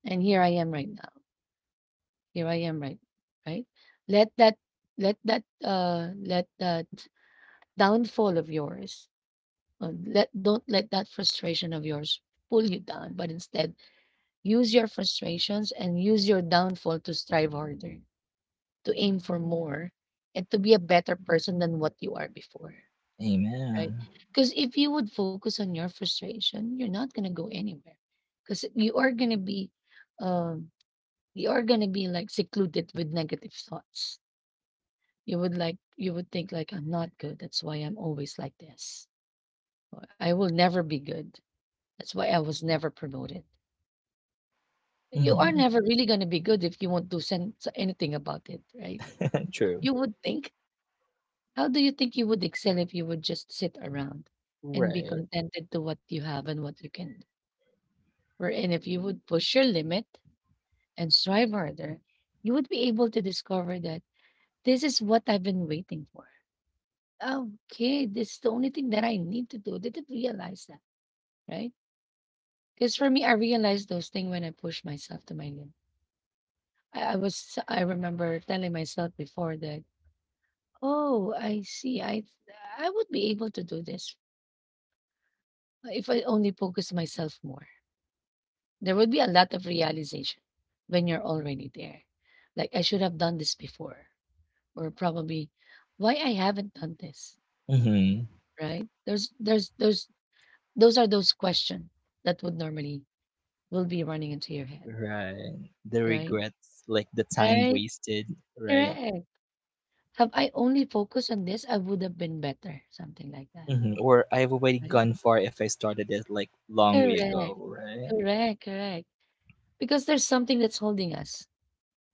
S1: and here I am right now. Here I am, right, right. Let that let that let that downfall of yours. Let don't let that frustration of yours pull you down, but instead use your frustrations and use your downfall to strive harder, to aim for more, and to be a better person than what you are before, right?
S2: Amen.
S1: Because if you would focus on your frustration, you're not gonna go anywhere. Because you are gonna be, um, you are gonna be like secluded with negative thoughts. You would think like, I'm not good. That's why I'm always like this. Or I will never be good. That's why I was never promoted. You are
S2: Mhm.
S1: never really gonna be good if you won't do anything about it, right?
S2: *laughs*
S1: If
S2: True.
S1: you would think, how do you think you would excel if you would just sit around and be
S2: Right.
S1: contented to what you have and what you can do? Wherein if you would push your limit and strive harder, you would be able to discover that this is what I've been waiting for. Okay, this is the only thing that I need to do. Didn't realize that, right? Because for me, I realized those things when I pushed myself to my limit. I remember telling myself before that, oh, I see. I would be able to do this, if I only focus myself more. There would be a lot of realization when you're already there. Like I should have done this before, or probably why I haven't done this,
S2: Mhm.
S1: right? There's those are those questions that would normally will be running into your head,
S2: Right. The
S1: right?
S2: regrets, like the time
S1: Right?
S2: wasted, right?
S1: Correct. Have I only focused on this, I would have been better, something like that,
S2: Mhm. Or I've already
S1: right?
S2: gone far if I started it like long way
S1: Correct.
S2: ago, right?
S1: Correct. Because there's something that's holding us.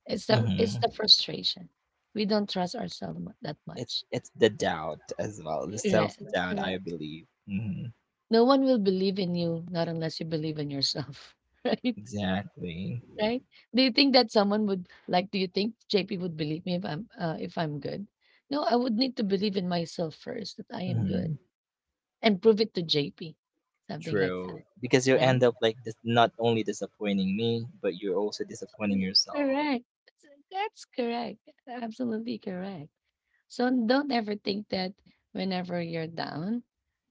S1: It's the it's
S2: Mhm.
S1: the frustration. We don't trust ourselves that
S2: It's
S1: much.
S2: it's the doubt as well, the
S1: Correct.
S2: self doubt,
S1: Correct.
S2: I believe. Mhm.
S1: No one will believe in you, not unless you believe in yourself. *laughs* Right?
S2: Exactly.
S1: Right? Do you think that someone would like do you think JP would believe me if I'm good? No, I would need to believe in myself first that I am
S2: Mhm.
S1: good and prove it to JP. Something like that,
S2: True. Because you
S1: right?
S2: end up like, not only disappointing me, but you're also disappointing yourself.
S1: Correct. That's correct. Absolutely correct. So don't ever think that whenever you're down,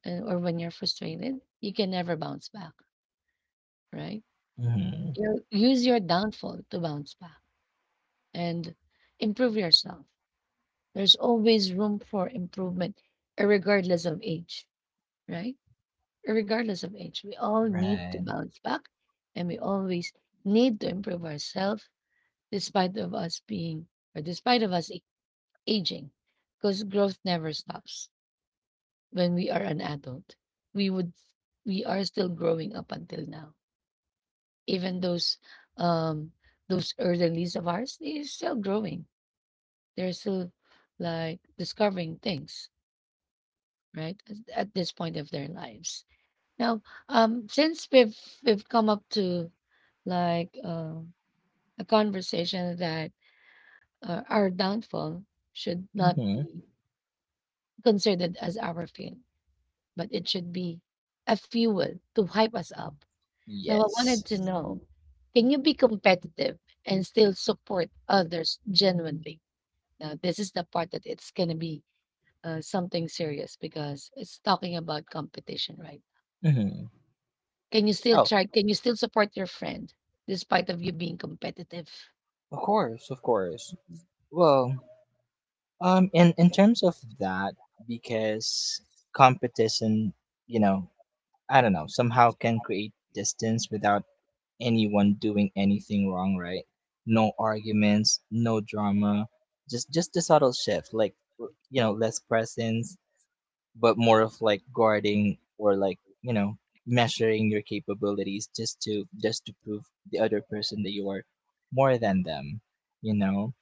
S1: or when you're frustrated, you can never bounce back, right?
S2: Mhm.
S1: You use your downfall to bounce back and improve yourself. There's always room for improvement, regardless of age, right? Regardless of age, we all need to
S2: Right.
S1: bounce back and we always need to improve ourselves despite of us being or despite of aging, because growth never stops. When we are an adult, we would, we are still growing up until now. Even those, um those elderlies of ours, they're still growing, they're still like discovering things right at this point of their lives. Now, since we've come up to like a conversation that, our downfall should not
S2: Mm-hmm.
S1: be considered as our fail, but it should be a fuel to hype us up. Now, I wanted
S2: Yes.
S1: to know, can you be competitive and still support others genuinely? Now, this is the part that it's going to be, something serious because it's talking about competition, right?
S2: Mm-hmm.
S1: Can you still
S2: Oh,
S1: try? Can you still support your friend despite of you being competitive?
S2: of course, of course. Well, in terms of that, because competition, you know, I don't know, somehow can create distance without anyone doing anything wrong, right? No arguments, no drama, just a subtle shift, like, less presence, but more of, like, guarding, or, like, measuring your capabilities just to prove the other person that you are more than them you know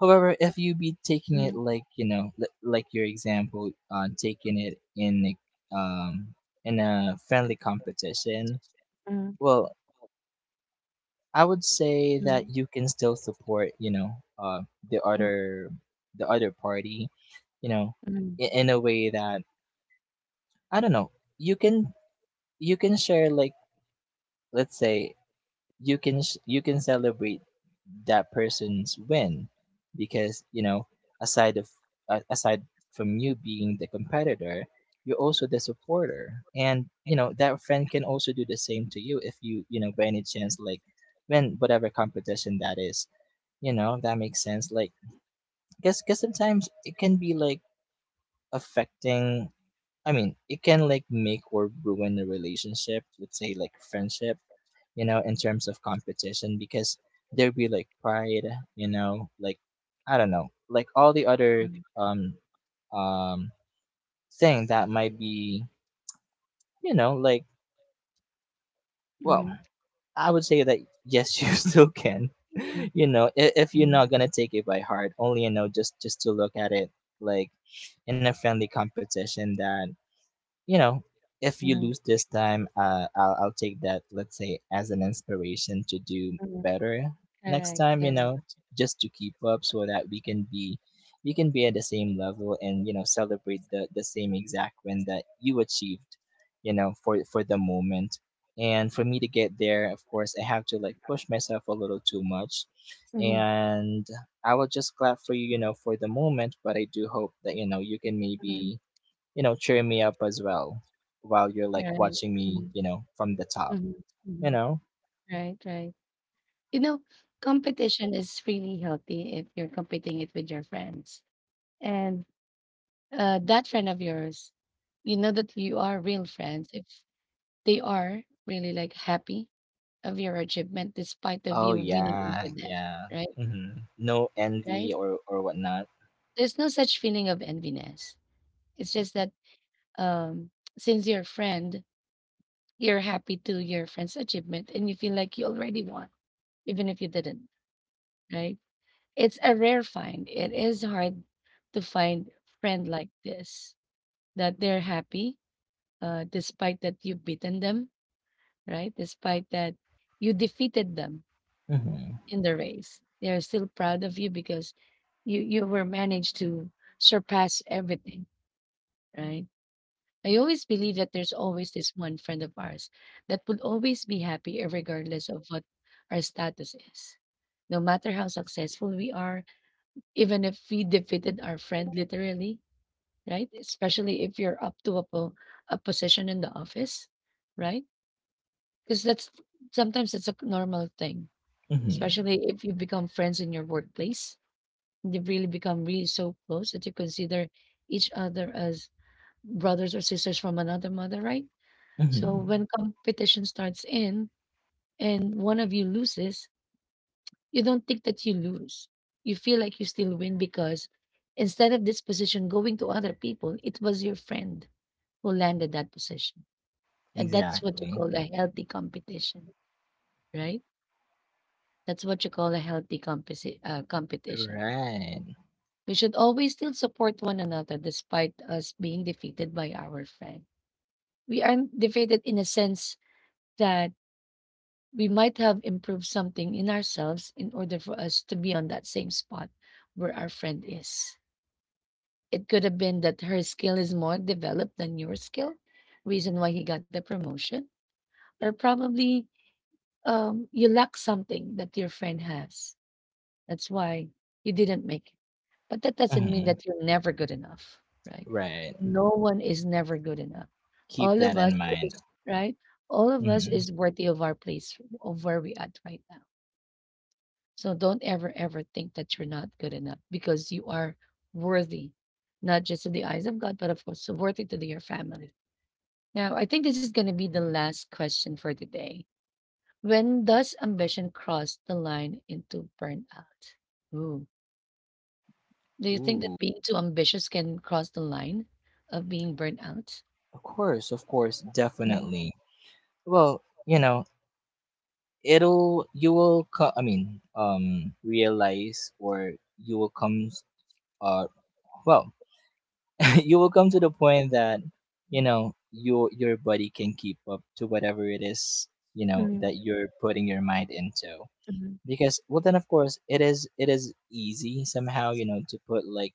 S2: However, if you be taking it like, like your example, taking it in in a friendly competition.
S1: Mm.
S2: Well, I would say that
S1: Mm.
S2: you can still support, uh the
S1: Mm.
S2: other the other party, you know
S1: Mm.
S2: in a way that, I don't know, you can you can share, like, let's say, you can you can celebrate that person's win, because, aside of aside from you being the competitor, you're also the supporter. And, that friend can also do the same to you if you, you know by any chance, like, win whatever competition that is, if that makes sense, like, because sometimes it can be like affecting, I mean, it can, like, make or ruin a relationship, let's say, like friendship, in terms of competition, because there'd be like pride, like, I don't know, like, all the other
S1: Mm.
S2: um um thing that might be, like, well,
S1: Mm.
S2: I would say that yes, *laughs* you still can. *laughs*
S1: Mm.
S2: If you're
S1: Mm.
S2: not gonna take it by heart, only, just to look at it, like, in a friendly competition that, you know, if you
S1: Mm.
S2: lose this time, I'll take that, let's say, as an inspiration to do
S1: Mm.
S2: better next
S1: Correct,
S2: time,
S1: correct.
S2: just to keep up so that we can be at the same level, and, celebrate the same exact win that you achieved, for the moment. And for me to get there, of course, I have to, like, push myself a little too much. And I will just clap for you, you know for the moment. But I do hope that, you can
S1: Mhm.
S2: maybe, cheer me up as well, while you're, like,
S1: Right.
S2: watching me,
S1: Mhm,
S2: from the top,
S1: mhm,
S2: you
S1: mhm.
S2: know?
S1: Right, right. You know, competition is really healthy if you're competing it with your friends. And that friend of yours, you know that you are real friends if they are really like happy of your achievement despite of
S2: Oh,
S1: you winning
S2: yeah,
S1: over them,
S2: yeah.
S1: right?
S2: Mm-hmm. No envy,
S1: Right?
S2: or whatnot.
S1: There's no such feeling of enviness. It's just that, um, since you're a friend, you're happy to your friend's achievement and you feel like you already won, even if you didn't, right? It's a rare find. It is hard to find friend like this that they're happy, despite that you've beaten them, right? Despite that you defeated them
S2: Mm-hmm.
S1: in the race. They are still proud of you because you were managed to surpass everything, right? I always believe that there's always this one friend of ours that will always be happy regardless of what our status is. No matter how successful we are, even if we defeated our friend literally, right? Especially if you're up to a position in the office, right? Because that's sometimes it's a normal thing,
S2: Mm-hmm.
S1: especially if you become friends in your workplace. You really become really so close that you consider each other as brothers or sisters from another mother, right? So
S2: Mm-hmm.
S1: when competition starts in and one of you loses, you don't think that you lose. You feel like you still win because instead of this position going to other people, it was your friend who landed that position. And that's what you
S2: Exactly.
S1: call a healthy competition, right? That's what you call a healthy competition.
S2: Right.
S1: We should always still support one another despite us being defeated by our friend. We aren't defeated in a sense that we might have improved something in ourselves in order for us to be on that same spot where our friend is. It could have been that her skill is more developed than your skill, reason why he got the promotion, or probably you lack something that your friend has. That's why you didn't make it. But that doesn't mean
S2: Mm-hmm.
S1: that you're never good enough, right?
S2: Right.
S1: No one is never good enough.
S2: Keep
S1: All
S2: that
S1: of us
S2: in mind.
S1: is right. All of us is
S2: Mm-hmm.
S1: worthy of our place, of where we at right now. So don't ever, ever think that you're not good enough because you are worthy, not just in the eyes of God, but of course, so worthy to your family. Now, I think this is going to be the last question for today. When does ambition cross the line into burnout? Ooh. Do you think that
S2: Ooh.
S1: being too ambitious can cross the line of being burnt out?
S2: Of course, definitely. Well, it'll you will co- I mean, realize, or you will come uh well, *laughs* you will come to the point that, your body can keep up to whatever it is,
S1: Mm,
S2: that you're putting your mind into,
S1: mm,
S2: because, well then, of course, it is easy, somehow, to put, like,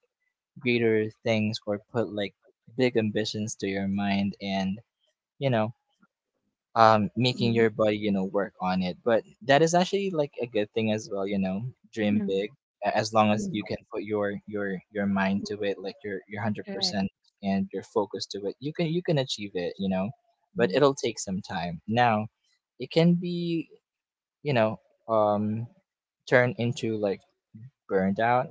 S2: greater things, or put, like, big ambitions to your mind and, you know making
S1: mm,
S2: your body, work on it. But that is actually like a good thing as well. Dream big. As long as you can put your mind to it, like your
S1: correct.
S2: 100% and you're focused to it, you can achieve it, but
S1: Mm,
S2: it'll take some time. Now, it can be, you know, um, turned into, like, burned out,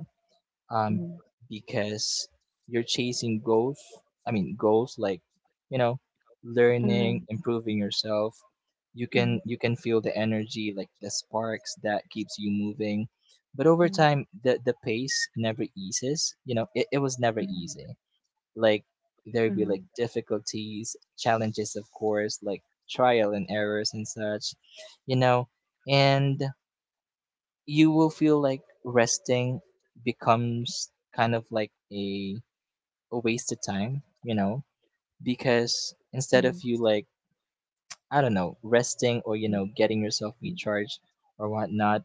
S2: um,
S1: mm,
S2: because you're chasing goals. I mean, goals, like, you know, learning,
S1: mm,
S2: improving yourself. You can
S1: mm,
S2: you can feel the energy, like the sparks that keeps you moving. But over
S1: mm,
S2: time, the pace never eases. It was never
S1: mm,
S2: easy, like, there'd be like
S1: mm,
S2: difficulties, challenges, of course, like, trial and errors and such, you know, and you will feel like resting becomes kind of like a waste of time, because instead of
S1: mm,
S2: you, like, I don't know, resting, or, getting yourself
S1: mm.
S2: recharged or whatnot,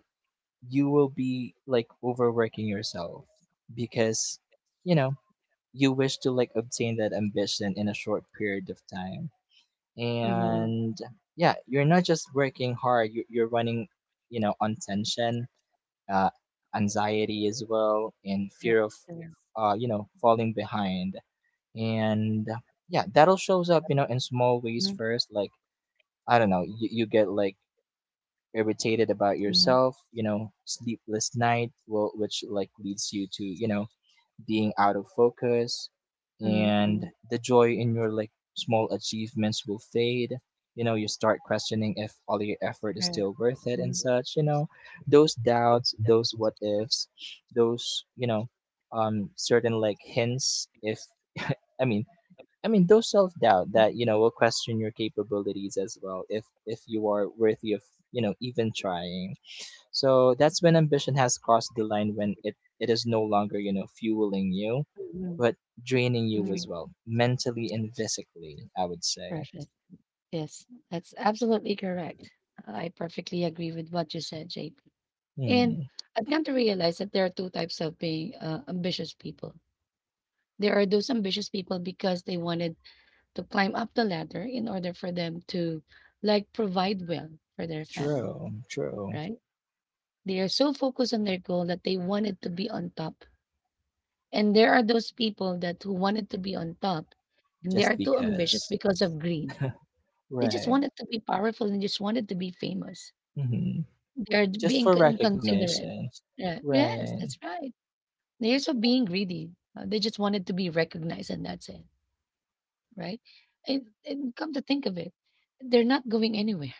S2: you will be like overworking yourself because, you know, you wish to, like, obtain that ambition in a short period of time.
S1: Mhm.
S2: And, yeah, you're not just working hard. You're running, on tension, uh, anxiety as well, and
S1: Right.
S2: fear of, falling behind. And, yeah, that'll shows up, in small ways first, like, I don't know, you get, like, irritated about yourself, sleepless night, well, which, like, leads you to, being out of focus,
S1: Mhm,
S2: and
S1: mhm.
S2: the joy in your, like, small achievements will fade. You start questioning if all your effort is
S1: Right.
S2: still worth it and such. Those doubts, those what ifs, those, certain, like, hints. If I mean, I mean, those self doubt that, will question your capabilities as well. If you are worthy of, even trying. So that's when ambition has crossed the line, when it is no longer, fueling you,
S1: Mhm,
S2: but draining you as well, mentally and physically, I would say.
S1: Perfect. Yes, that's absolutely correct. I perfectly agree with what you said, JP. And
S2: Hmm.
S1: I've come to realize that there are two types of being ambitious people. There are those ambitious people because they wanted to climb up the ladder in order for them to like provide well for their family,
S2: True, true.
S1: right? They are so focused on their goal that they wanted to be on top. And there are those people that who wanted to be on top, and they are
S2: Just
S1: too ambitious
S2: because.
S1: because of greed. They just
S2: Right.
S1: wanted to be powerful and just wanted to be famous.
S2: Mm-hmm. Just
S1: Being
S2: for
S1: considerate.
S2: recognition.
S1: Yeah. Yes,
S2: Right.
S1: that's right. They're also being greedy. They just wanted to be recognized, and that's it, right? And come to think of it, they're not going anywhere,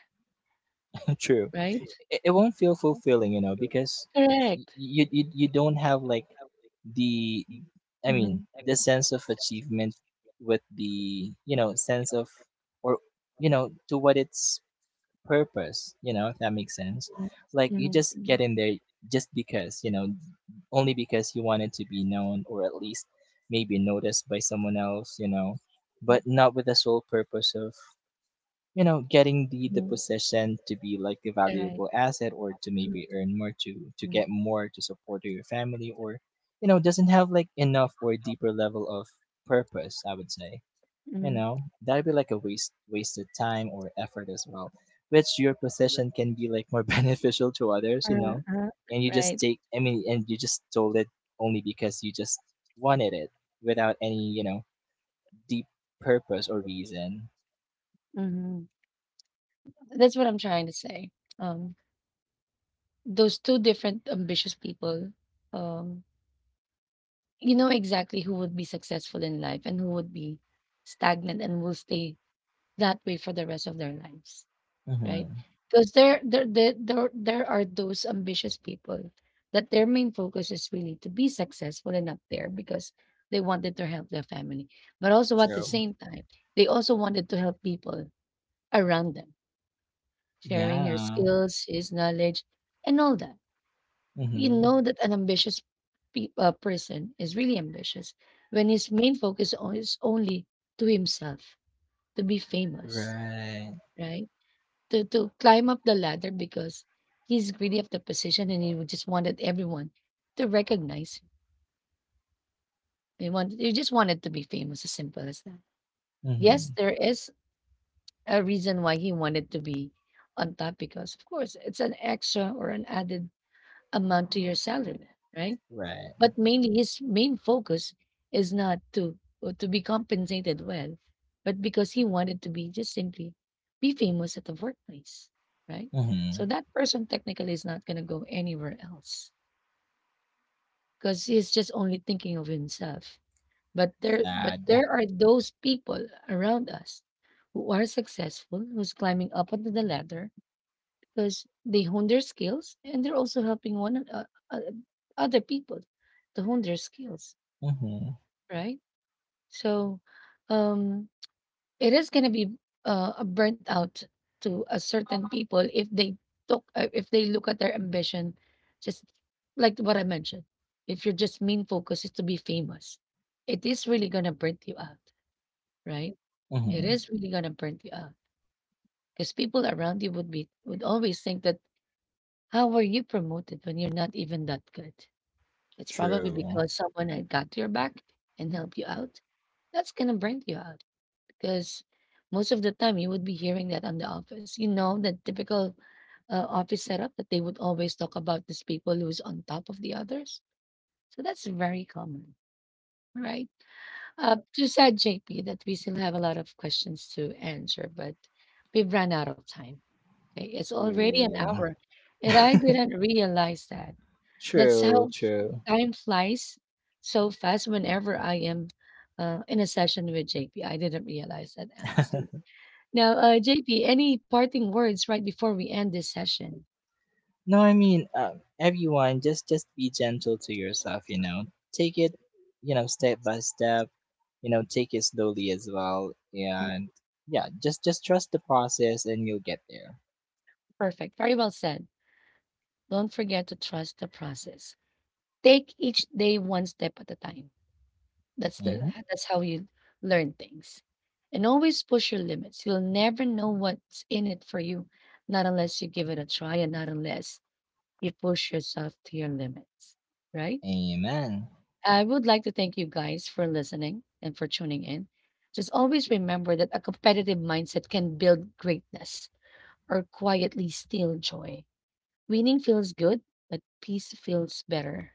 S2: True.
S1: right?
S2: It won't feel fulfilling, because you don't have, like, the I mean,
S1: Mhm,
S2: the sense of achievement, with the, sense of, or, to what its purpose, if that makes sense. Like, you
S1: mhm,
S2: just get in there just because, only because you wanted to be known, or at least maybe noticed by someone else,
S1: mhm,
S2: but not with the sole purpose of, getting the position, to be like a
S1: Right.
S2: valuable asset, or to
S1: Mhm,
S2: maybe earn more, to
S1: mhm,
S2: get more, to support your family, or, doesn't have like enough or deeper level of purpose, I would say,
S1: mhm.
S2: that'd be like a wasted time or effort as well, which your possession can be like more *laughs* beneficial to others. you know
S1: Uh-huh.
S2: and you just
S1: Right.
S2: stole it, only because you just wanted it, without any, deep purpose or reason.
S1: Mhm. That's what I'm trying to say. Um, those two different ambitious people, um, you know exactly who would be successful in life and who would be stagnant and will stay that way for the rest of their lives, right?
S2: Mm-hmm.
S1: Because there are those ambitious people that their main focus is really to be successful and up there because they wanted to help their family, but also at the
S2: True.
S1: same time, they also wanted to help people around them sharing your
S2: Yeah.
S1: skills, his knowledge, and all that. You
S2: Mhm.
S1: know that an person is really ambitious when his is only to himself, to be famous,
S2: Right.
S1: right? To climb up the ladder because he's greedy of the position and he would just wanted everyone to recognize him. He wanted, he just wanted to be famous, as simple as that. Yes,
S2: Mhm.
S1: there is a reason why he wanted to be on top because, of course, it's an extra or an added amount to your salary, right?
S2: Right.
S1: But mainly his main focus is not to to be compensated well, but because he wanted to be just simply be famous at the workplace, right? So
S2: Mhm.
S1: that person technically is not going to go anywhere else because he's just only thinking of himself. But
S2: Sad.
S1: there are those people around us who are successful, who's climbing up onto the ladder because they hone their skills and they're also helping uh, other people to hone their skills,
S2: Mhm.
S1: right? So um, it is going to be a burnt out to a certain people if they took if they look at their ambition, just like what I mentioned. If your just main focus is to be famous, it is really going to burn you out, right? It
S2: Mhm.
S1: is really going to burn you out because people around you would always think that, how were you promoted when you're not even that good? It's probably
S2: True.
S1: because someone had got your back and helped you out. That's gonna bring you out because most of the time you would be hearing that on the office. You know, the typical office setup that they would always talk about these people who's on top of the others. So that's very common, right? Too sad, JP, that we still have a lot of questions to answer, but we've run out of time. Okay, it's already an
S2: Ooh.
S1: hour, and I
S2: *laughs*
S1: didn't realize that. That's
S2: True.
S1: how
S2: True.
S1: time flies so fast whenever I am in a session with JP. I didn't realize that, Ans. Now, JP, any parting words right before we end this session?
S2: No, I mean, everyone, just be gentle to yourself. Take it, step by step. Take it slowly as well,
S1: Mm,
S2: and yeah, just trust the process, and you'll get there.
S1: Perfect. Very well said. Don't forget to trust the process. Take each day one step at a time. That's the
S2: Mhm.
S1: that's how you learn things. And always push your limits. You'll never know what's in it for you, not unless you give it a try and not unless you push yourself to your limits, right?
S2: Amen.
S1: I would like to thank you guys for listening and for tuning in. Just always remember that a competitive mindset can build greatness or quietly steal joy. Winning feels good, but peace feels better.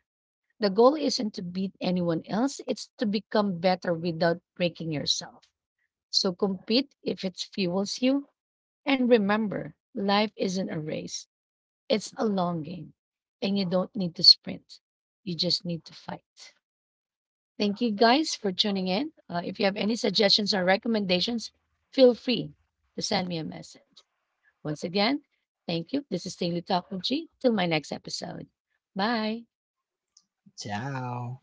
S1: The goal isn't to beat anyone else, it's to become better without breaking yourself. So compete if it fuels you. And remember, life isn't a race. It's a long game, and you don't need to sprint. You just need to fight. Thank you guys for tuning in. If you have any suggestions or recommendations, feel free to send me a message. Once again, thank you. This is Daily Talk with G. Till my next episode. Bye.
S2: Ciao.